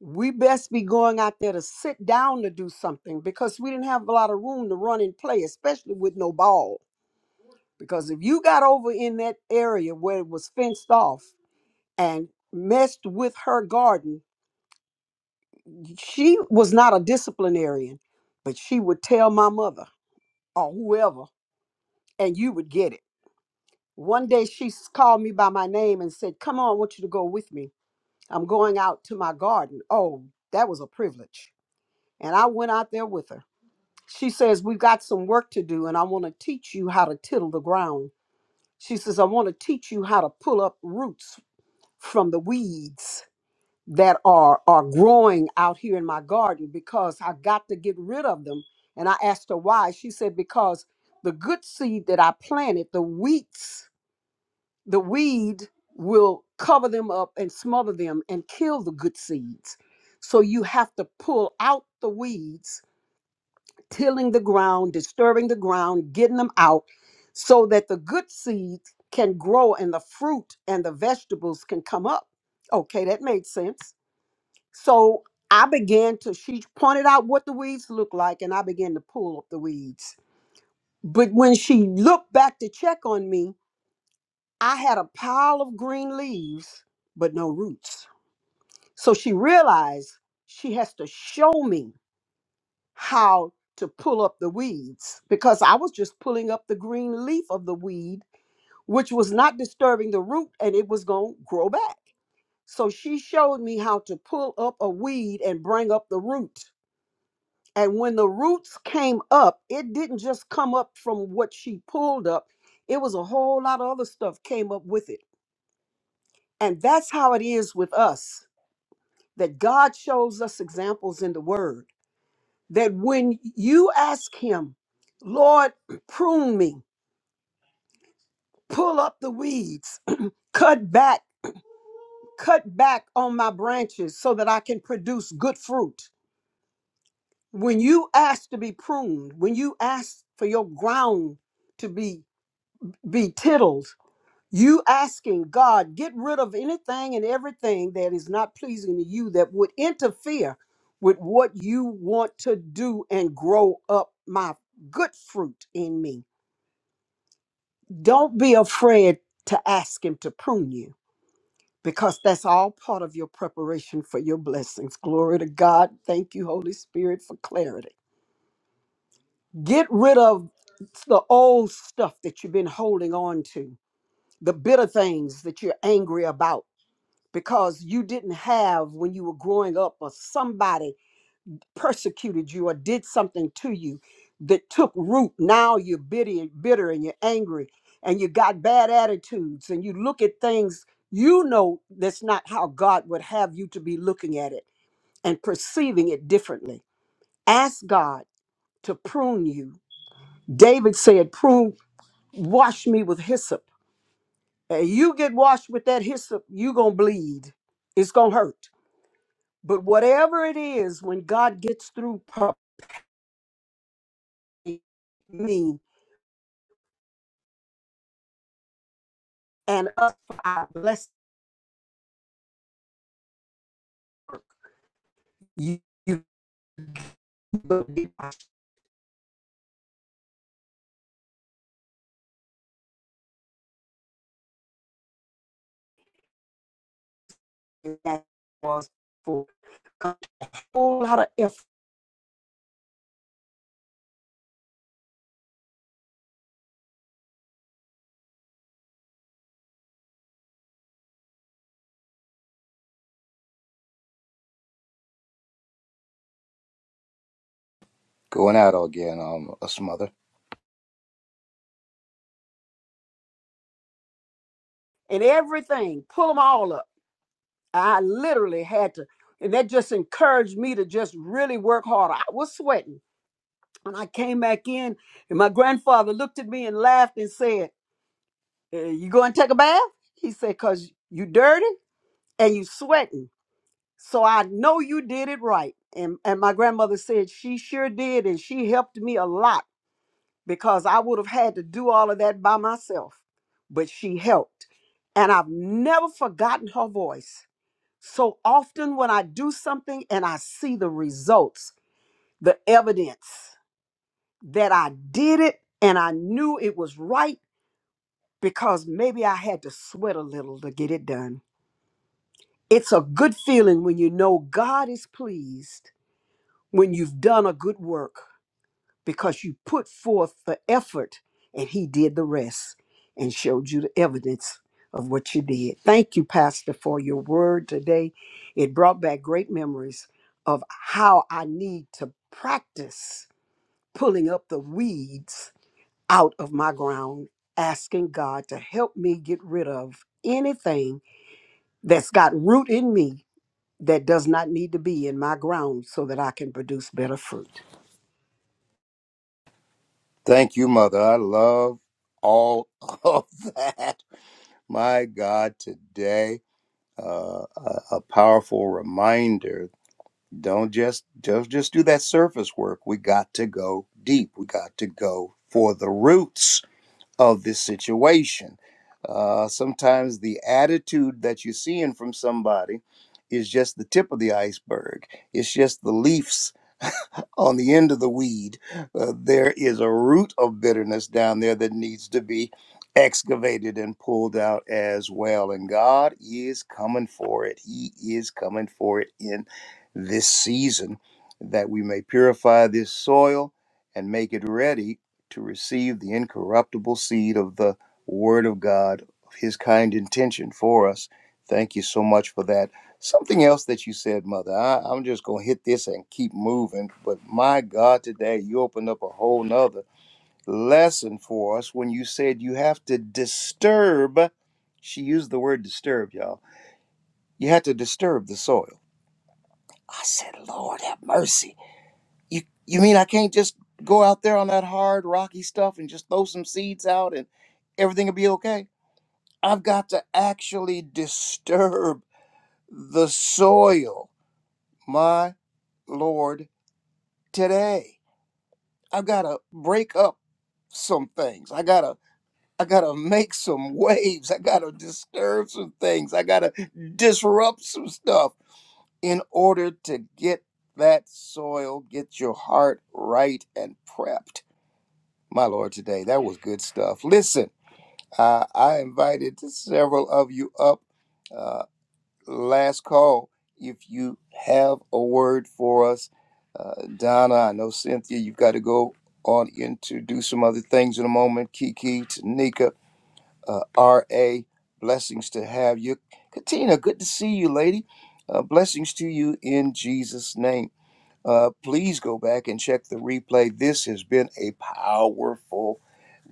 S2: we best be going out there to sit down to do something because we didn't have a lot of room to run and play, especially with no ball. Because if you got over in that area where it was fenced off and messed with her garden, she was not a disciplinarian, but she would tell my mother or whoever, and you would get it One day she s- called me by my name and said, Come on, I want you to go with me. I'm going out to my garden. Oh, that was a privilege. And I went out there with her. She says, We've got some work to do, and I want to teach you how to tittle the ground. She says, I want to teach you how to pull up roots from the weeds that are, are growing out here in my garden because I got to get rid of them. And I asked her why. She said, Because the good seed that I planted, the weeds, the weed will cover them up and smother them and kill the good seeds. So you have to pull out the weeds, tilling the ground, disturbing the ground, getting them out so that the good seeds can grow and the fruit and the vegetables can come up. Okay, that made sense. So I began to, she pointed out what the weeds look like, and I began to pull up the weeds. But when she looked back to check on me, I had a pile of green leaves, but no roots. So she realized she has to show me how to pull up the weeds because I was just pulling up the green leaf of the weed, which was not disturbing the root and it was going to grow back. So she showed me how to pull up a weed and bring up the root. And when the roots came up, it didn't just come up from what she pulled up, it was a whole lot of other stuff came up with it. And that's how it is with us that God shows us examples in the Word. That when you ask Him, Lord, prune me, pull up the weeds, <clears throat> cut back, cut back on my branches so that I can produce good fruit. When you ask to be pruned, when you ask for your ground to be be tilled, You asking God, get rid of anything and everything that is not pleasing to you that would interfere with what you want to do and grow up my good fruit in me. Don't be afraid to ask Him to prune you because that's all part of your preparation for your blessings. Glory to God. Thank you, Holy Spirit, for clarity. Get rid of the old stuff that you've been holding on to, the bitter things that you're angry about because you didn't have when you were growing up or somebody persecuted you or did something to you that took root now you're bitter, bitter and you're angry and you got bad attitudes and you look at things you know that's not how god would have you to be looking at it and perceiving it differently ask god to prune you david said prune wash me with hyssop and you get washed with that hyssop you gonna bleed it's gonna hurt But whatever it is, when God gets through purging me and us for our blessing, you, you will be watching that was for a whole lot of effort
S5: Going out again, um, us mother.
S2: and everything. Pull them all up. I literally had to, and that just encouraged me to just really work harder. I was sweating. When I came back in, and my grandfather looked at me and laughed and said, "Eh, "You go and take a bath?" He said, "Cause you dirty and you sweating." So I know you did it right. And, and my grandmother said she sure did. And she helped me a lot because I would have had to do all of that by myself. But she helped. And I've never forgotten her voice. So often when I do something and I see the results, the evidence that I did it and I knew it was right because maybe I had to sweat a little to get it done. It's a good feeling when you know God is pleased when you've done a good work because you put forth the effort and he did the rest and showed you the evidence of what you did. Thank you, Pastor, for your word today. It brought back great memories of how I need to practice pulling up the weeds out of my ground, asking God to help me get rid of anything that's got root in me that does not need to be in my ground so that I can produce better fruit.
S5: Thank you, mother. I love all <laughs> of that. My God, today, uh, a, a powerful reminder. Don't just just just do that surface work. We got to go deep. We got to go for the roots. of this situation. Uh, sometimes the attitude that you're seeing from somebody is just the tip of the iceberg, it's just the leaves <laughs> on the end of the weed. Uh, there is a root of bitterness down there that needs to be excavated and pulled out as well. And God is coming for it. He is coming for it in this season that we may purify this soil and make it ready to receive the incorruptible seed of the Word of God, of His kind intention for us. Thank you so much for that. Something else that you said, Mother, I, I'm just going to hit this and keep moving. But my God, today you opened up a whole nother lesson for us when you said you have to disturb. She used the word disturb, y'all. You had to disturb the soil. I said, Lord have mercy you you mean I can't just go out there on that hard rocky stuff and just throw some seeds out and everything will be okay? I've got to actually disturb the soil, my lord, today. I've got to break up some things. I got to I got to make some waves. I got to disturb some things. I got to disrupt some stuff in order to get that soil, get your heart right and prepped My Lord, today, that was good stuff. Listen, I, I invited several of you up. Uh, last call. If you have a word for us, uh, Donna, I know Cynthia, you've got to go on in to do some other things in a moment. Kiki, Tanika, uh, R.A., blessings to have you. Katina, good to see you, lady. Uh, blessings to you in Jesus' name. Uh, please go back and check the replay. This has been a powerful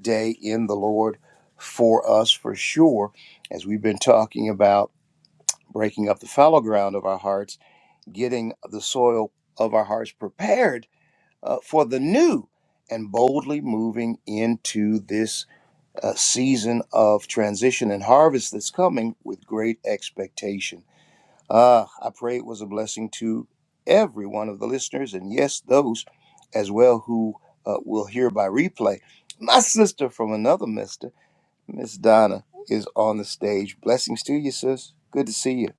S5: day in the Lord for us for sure. As we've been talking about breaking up the fallow ground of our hearts, getting the soil of our hearts prepared uh, for the new, and boldly moving into this uh, season of transition and harvest that's coming with great expectation. Ah, I pray it was a blessing to every one of the listeners, and yes, those as well who uh, will hear by replay. My sister from another mister. Miss Donna is on the stage. Blessings to you, sis. Good to see you.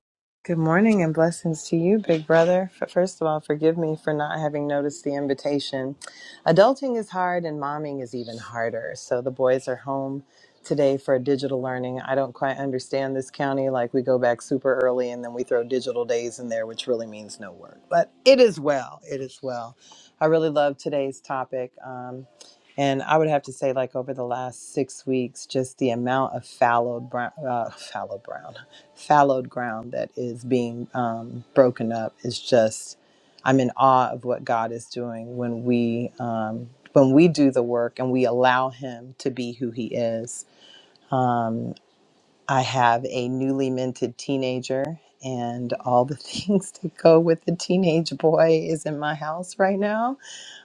S9: Good morning and blessings to you, big brother. F- First of all, forgive me for not having noticed the invitation. Adulting is hard and momming is even harder. So the boys are home today for digital learning. I don't quite understand this county. Like we go back super early and then we throw digital days in there, which really means no work. But it is well. It is well. I really love today's topic. Um, and I would have to say, like over the last six weeks, just the amount of fallow brown, uh, fallow brown fallowed ground that is being um, broken up is just i'm in awe of what god is doing when we um, when we do the work and we allow him to be who he is um, i have a newly minted teenager and all the <laughs> things that go with the teenage boy is in my house right now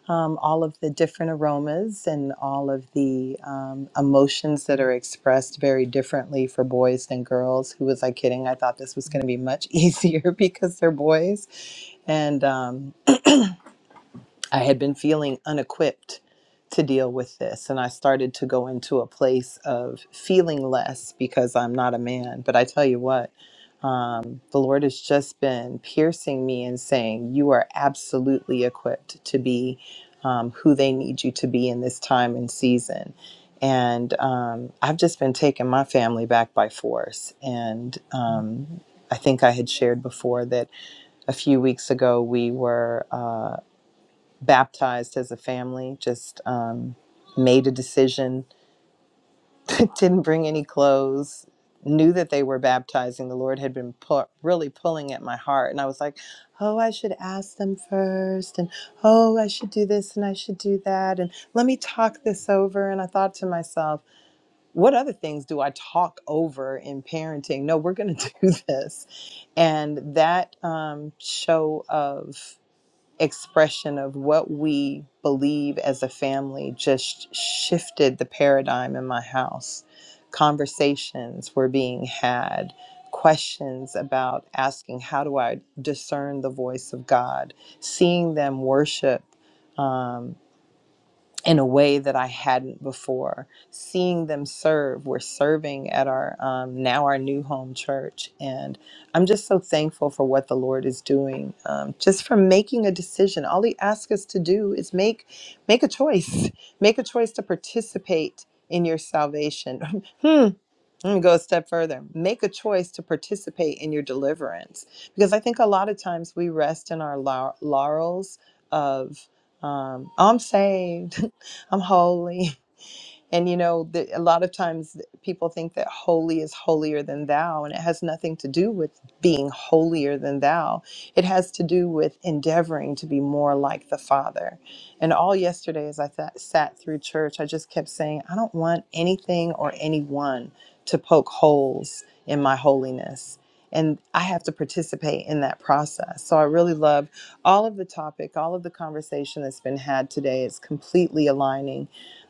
S9: um, all of the different aromas and all of the um, emotions that are expressed very differently for boys than girls. Who was I kidding? I thought this was going to be much <laughs> easier because they're boys. And um, I had been feeling unequipped to deal with this. And I started to go into a place of feeling less because I'm not a man. But I tell you what, um, the Lord has just been piercing me and saying, You are absolutely equipped to be um, who they need you to be in this time and season. And um, I've just been taking my family back by force. And um, I think I had shared before that a few weeks ago we were. Uh, baptized as a family, just um, made a decision, <laughs> didn't bring any clothes, knew that they were baptizing. The Lord had been pu- really pulling at my heart. And I was like, oh, I should ask them first. And oh, I should do this and I should do that. And let me talk this over. And I thought to myself, what other things do I talk over in parenting? No, we're going to <laughs> do this. And that um, show of expression of what we believe as a family just shifted the paradigm in my house. Conversations were being had, questions about asking, how do I discern the voice of God? Seeing them worship. um, in a way that I hadn't before. Seeing them serve, we're serving at our um, now our new home church, and I'm just so thankful for what the Lord is doing. Um, just from making a decision, all He asks us to do is make make a choice, make a choice to participate in your salvation. <laughs> hmm, let me go a step further. Make a choice to participate in your deliverance. Because I think a lot of times we rest in our lau- laurels of, um, I'm saved, <laughs> I'm holy, and you know, the, a lot of times people think that holy is holier than thou, and it has nothing to do with being holier than thou. It has to do with endeavoring to be more like the Father. And all yesterday, as I th- sat through church, I just kept saying, I don't want anything or anyone to poke holes in my holiness. And I have to participate in that process. So I really love all of the topic, all of the conversation that's been had today. It's completely aligning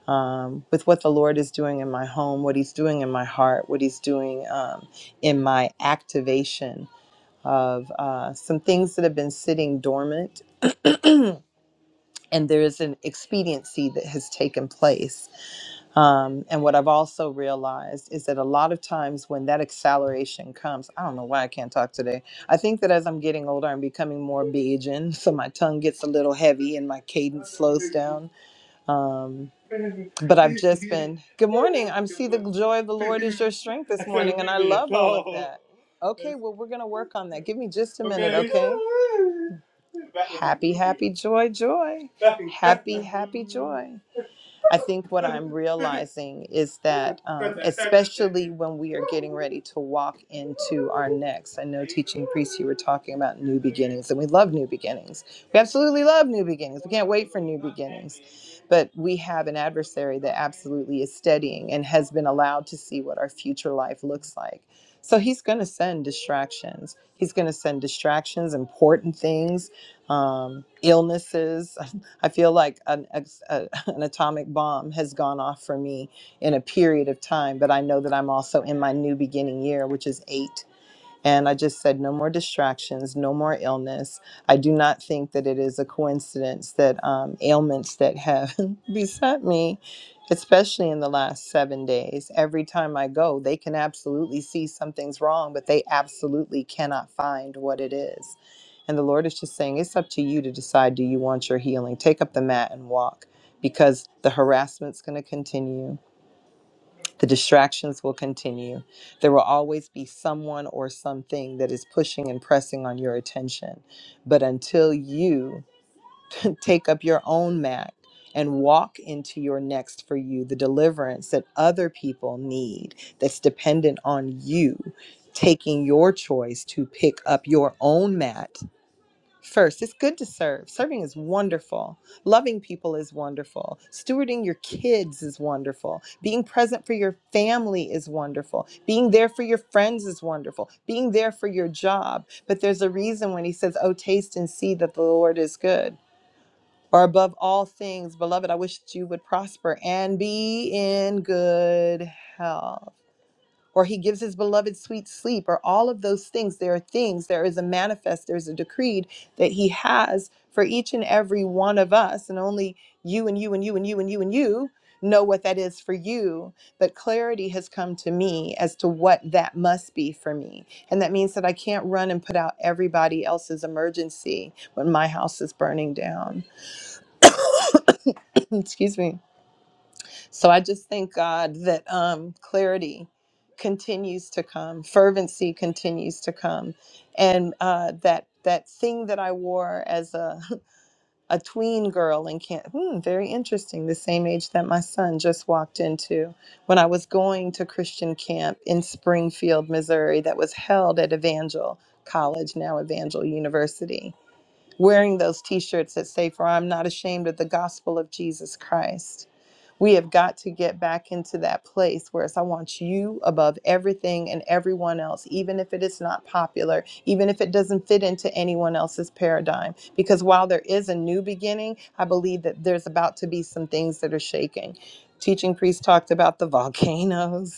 S9: um, with what the Lord is doing in my home, what He's doing in my heart, what He's doing um, in my activation of uh, some things that have been sitting dormant. And there is an expediency that has taken place. Um, and what I've also realized is that a lot of times when that acceleration comes, I don't know why I can't talk today. I think that as I'm getting older, I'm becoming more Bajan. <laughs> So my tongue gets a little heavy and my cadence slows down um, <laughs> but I've just been, good morning. I'm see the joy of the Lord is your <laughs> strength this morning. And I love all of that. Okay, well, we're going to work on that. Give me just a minute, okay? Happy, happy, joy, joy. Happy, happy, joy. I think what I'm realizing is that, um, especially when we are getting ready to walk into our next, I know teaching priest, you were talking about new beginnings, and we love new beginnings. We absolutely love new beginnings. We can't wait for new beginnings. But we have an adversary that absolutely is steadying and has been allowed to see what our future life looks like. So he's going to send distractions. He's going to send distractions, important things, um, illnesses, <laughs> I feel like an, a, an atomic bomb has gone off for me in a period of time, but I know that I'm also in my new beginning year, which is eight. And I just said, no more distractions, no more illness. I do not think that it is a coincidence that um, ailments that have <laughs> beset me, especially in the last seven days, every time I go, they can absolutely see something's wrong, but they absolutely cannot find what it is. And the Lord is just saying, it's up to you to decide do you want your healing? Take up the mat and walk because the harassment's going to continue. The distractions will continue. There will always be someone or something that is pushing and pressing on your attention. But until you <laughs> take up your own mat and walk into your next for you, the deliverance that other people need, that's dependent on you taking your choice to pick up your own mat First, it's good to serve. Serving is wonderful. Loving people is wonderful. Stewarding your kids is wonderful. Being present for your family is wonderful. Being there for your friends is wonderful. Being there for your job. But there's a reason when he says, Oh, taste and see that the Lord is good. Or above all things, beloved, I wish that you would prosper and be in good health or he gives his beloved sweet sleep, or all of those things. There are things, there is a manifest, there's a decreed that he has for each and every one of us. And only you and you and you and you and you and you know what that is for you. But clarity has come to me as to what that must be for me. And that means that I can't run and put out everybody else's emergency when my house is burning down. <coughs> Excuse me so I just thank God that um, clarity continues to come, fervency continues to come, and uh, that that thing that I wore as a <laughs> a tween girl in camp, hmm, very interesting, the same age that my son just walked into when I was going to Christian camp in Springfield, Missouri, that was held at Evangel College, now Evangel University. Wearing those T-shirts that say, "For I'm not ashamed of the gospel of Jesus Christ." We have got to get back into that place where it's I want you above everything and everyone else, even if it is not popular, even if it doesn't fit into anyone else's paradigm. Because while there is a new beginning, I believe that there's about to be some things that are shaking. Teaching priest talked about the volcanoes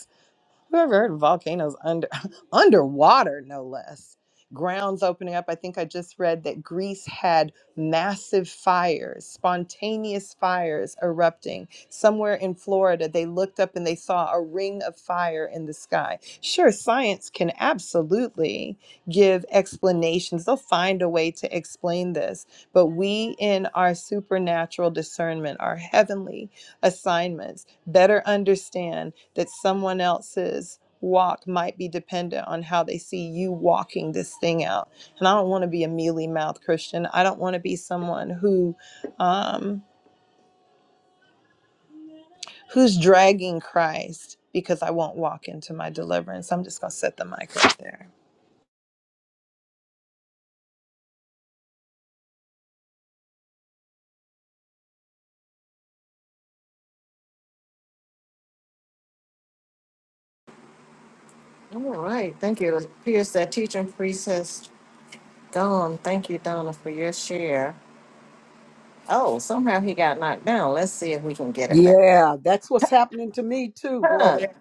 S9: who ever heard of volcanoes under <laughs> underwater, no less? Grounds opening up. I think I just read that Greece had massive fires, spontaneous fires erupting. Somewhere in Florida, they looked up and they saw a ring of fire in the sky. Sure, science can absolutely give explanations. They'll find a way to explain this. But we, in our supernatural discernment, our heavenly assignments, better understand that someone else's walk might be dependent on how they see you walking this thing out. And I don't want to be a mealy mouthed Christian. I don't want to be someone who um, who's dragging Christ because I won't walk into my deliverance. I'm just gonna set the mic right there.
S7: All right, thank you. It appears that teaching priest has gone. Thank you, Donna, for your share. Oh, somehow he got knocked down. Let's see if we can get him back.
S2: Yeah, that's what's happening to me too, boy.
S7: Huh. Yeah.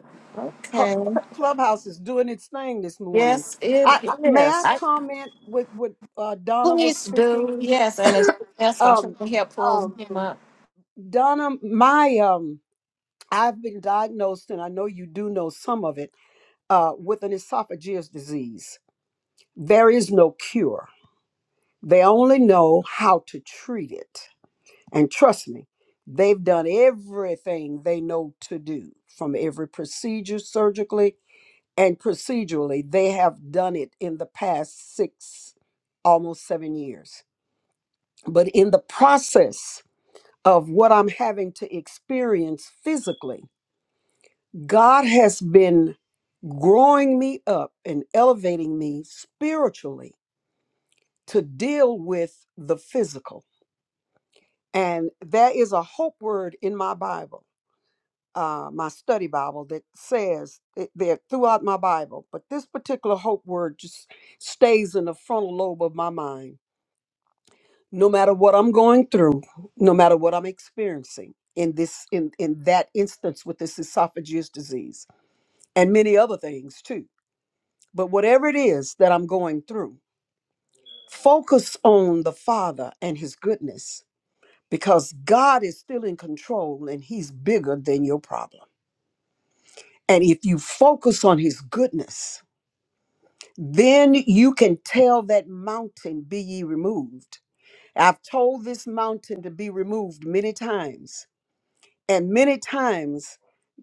S2: Her-
S7: Okay.
S2: her Clubhouse is doing its thing this morning.
S7: Yes, it
S2: I, I- may I
S7: is. I,
S2: comment with what uh, Donna was
S7: please
S2: speaking?
S7: do. Yes, and it's that's when
S2: Um,
S7: Triple Hair pulls
S2: um,
S7: him up.
S2: Donna, my um, I've been diagnosed, and I know you do know some of it, uh, with an esophageal disease. There is no cure. They only know how to treat it, and trust me, they've done everything they know to do, from every procedure surgically and procedurally they have done it in the past six almost seven years but in the process of what i'm having to experience physically god has been growing me up and elevating me spiritually to deal with the physical and there is a hope word in my bible uh, my study Bible that says it there throughout my Bible, but this particular hope word just stays in the frontal lobe of my mind, no matter what I'm going through, no matter what I'm experiencing in this in in that instance with this esophageal disease and many other things too. But whatever it is that I'm going through, focus on the Father and His goodness because God is still in control and He's bigger than your problem. And if you focus on His goodness, Then you can tell that mountain, Be ye removed. I've told this mountain to be removed many times. And many times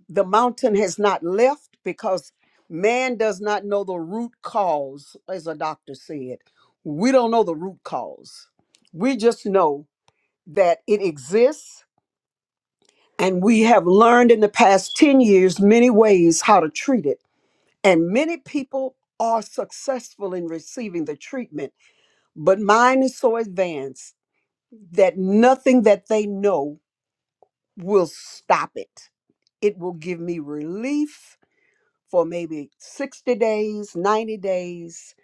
S2: the mountain has not left because man does not know the root cause, as a doctor said. We don't know the root cause. We just know that it exists. And we have learned in the past 10 years many ways how to treat it. And many people are successful in receiving the treatment But mine is so advanced that nothing that they know will stop it. It will give me relief for maybe 60 days, 90 days,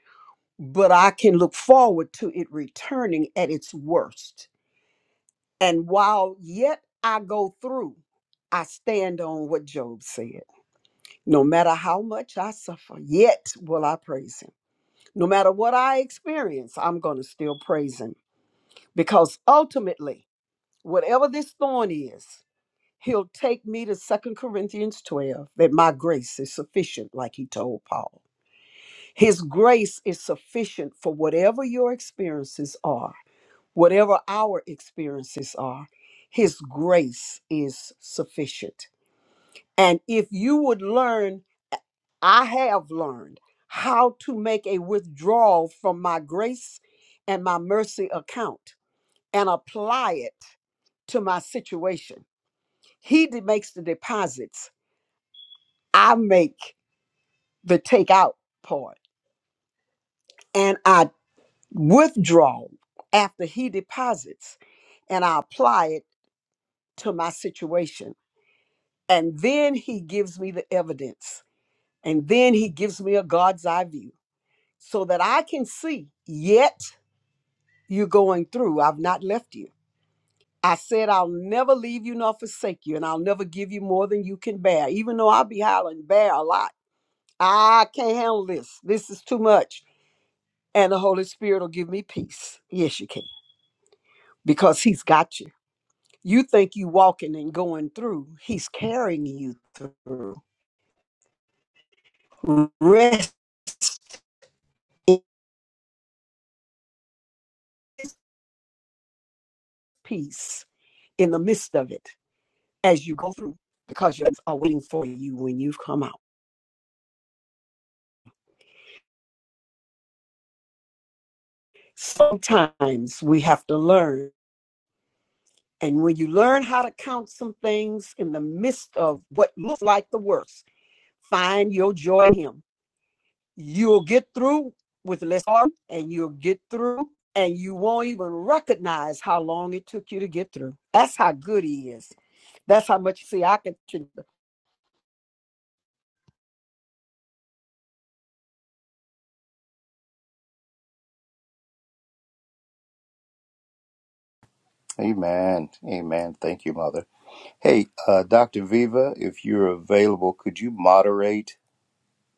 S2: but I can look forward to it returning at its worst. And while yet I go through, I stand on what Job said. No matter how much I suffer, yet will I praise him. No matter what I experience, I'm going to still praise him because ultimately, Whatever this thorn is, he'll take me to Second Corinthians 12, that my grace is sufficient, like he told Paul. His grace is sufficient for whatever your experiences are, whatever our experiences are. His grace is sufficient. And if you would learn, I have learned how to make a withdrawal from my grace and my mercy account and apply it to my situation He de- makes the deposits. I make the takeout part and I withdraw after he deposits and I apply it to my situation. And then he gives me the evidence. And then he gives me a God's eye view so that I can see, yet you're going through. I've not left you. I said, I'll never leave you nor forsake you, and I'll never give you more than you can bear, even though I'll be howling bear a lot. I can't handle this. This is too much. and the Holy Spirit will give me peace. Yes, you can, because He's got you. You think you walking and going through, He's carrying you through. Rest in His peace in the midst of it as you go through, because you are waiting for you when you have come out. Sometimes we have to learn, and when you learn how to count some things in the midst of what looks like the worst, find your joy in Him you'll get through with less harm and you'll get through and you won't even recognize how long it took you to get through. That's how good he is. That's how much see I can
S5: Amen. Amen. Thank you, Mother. Hey, uh, Dr. Viva, if you're available, could you moderate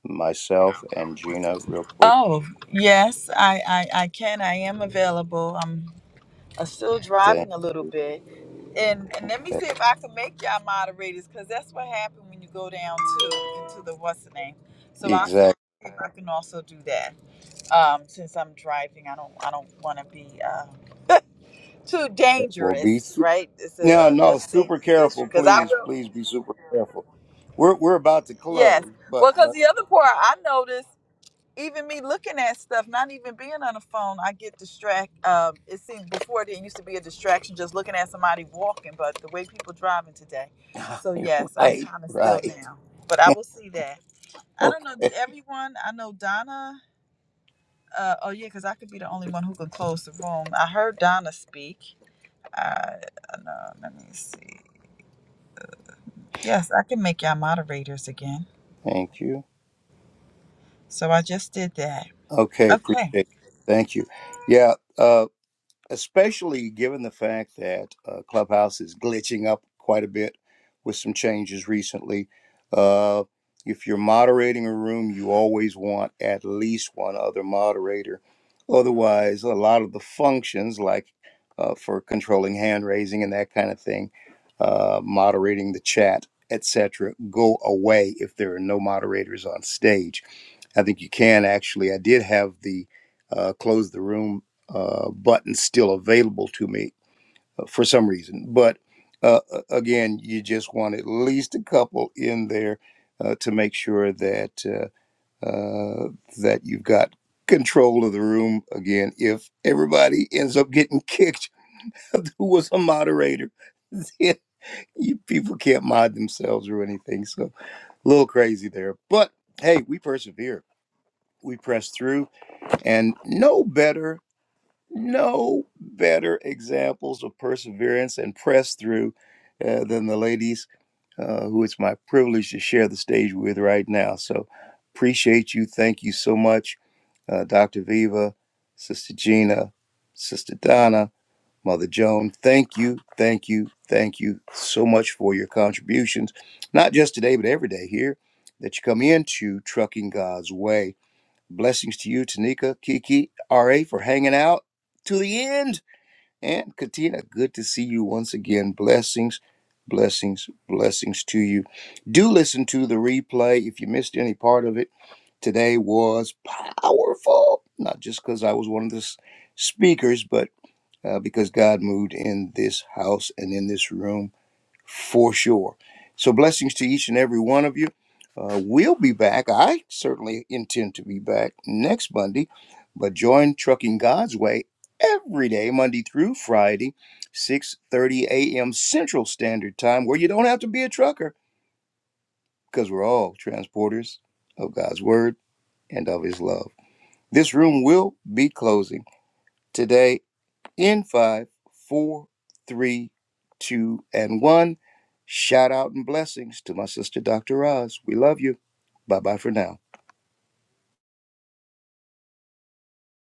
S5: myself and Gina real quick?
S8: Oh yes, I I, I can. I am available. I'm i still
S5: Thank
S8: driving a little bit. And and let me
S5: you.
S8: see if I can make y'all moderators, because that's what happened when you go down too into the what's the name. So I'll see
S5: Exactly.
S8: if I can also do that. Um, since I'm driving, I don't I don't want to be uh, too
S5: We'll be.
S8: dangerous,
S5: Su-
S8: right? It's a,
S5: no,
S8: uh
S5: no,
S8: just
S5: super
S8: safety issue.
S5: careful,
S8: Because I
S5: please.
S8: will,
S5: Please be super careful. We're, we're about to close,
S8: yes.
S5: but,
S8: Well, because
S5: but,
S8: the other part I noticed. even me looking at stuff, not even being on the phone, I get distract. Um, it seems before there used to be a distraction just looking at somebody walking, but the way people driving today.
S5: <laughs>
S8: So yes, I'm
S5: right,
S8: kind of still
S5: right.
S8: now, but I will see that. I don't know.
S5: Okay.
S8: Did everyone? I know Donna. Uh, oh yeah, because I could be the only one who could close the room. I heard Donna speak. I Uh, no, let me see. Yes, I can make y'all moderators again.
S5: Thank you.
S8: So I just did that.
S5: Okay. Appreciate
S8: Okay.
S5: it. Thank you. Yeah. uh, especially given the fact that uh, Clubhouse is glitching up quite a bit with some changes recently. Uh, if you're moderating a room, you always want at least one other moderator. Otherwise, a lot of the functions, like uh, for controlling hand raising and that kind of thing, uh, moderating the chat, etc., go away if there are no moderators on stage. I think you can actually. I did have the uh, close the room uh, button still available to me uh, for some reason. But uh, a- again, you just want at least a couple in there uh, to make sure that uh, uh, that you've got control of the room. Again, if everybody ends up getting kicked, <laughs> who was a moderator? <laughs> then you people can't mod themselves or anything. So a little crazy there. But hey, we persevere. We press through and no better, no better examples of perseverance and press through uh, than the ladies uh, who it's my privilege to share the stage with right now. So appreciate you. Thank you so much, uh, Dr. Viva, Sister Gina, Sister Donna, Mother Joan. Thank you, thank you, thank you so much for your contributions, not just today, but every day here that you come into Trucking God's Way. Blessings to you, Tanika, Kiki, RA for hanging out to the end. And Katina, good to see you once again. Blessings, blessings, blessings to you. Do listen to the replay if you missed any part of it. Today was powerful, not just because I was one of the s- speakers, but uh, because God moved in this house and in this room for sure. So, blessings to each and every one of you. Uh, we'll be back. I certainly intend to be back next Monday, but join Trucking God's Way every day, Monday through Friday, 6:30 a.m. Central Standard Time, where you don't have to be a trucker because we're all transporters of God's word and of His love. This room will be closing today in five, four, three, two, and one. Shout out and blessings to my sister, Dr. Oz. We love you. Bye bye for now.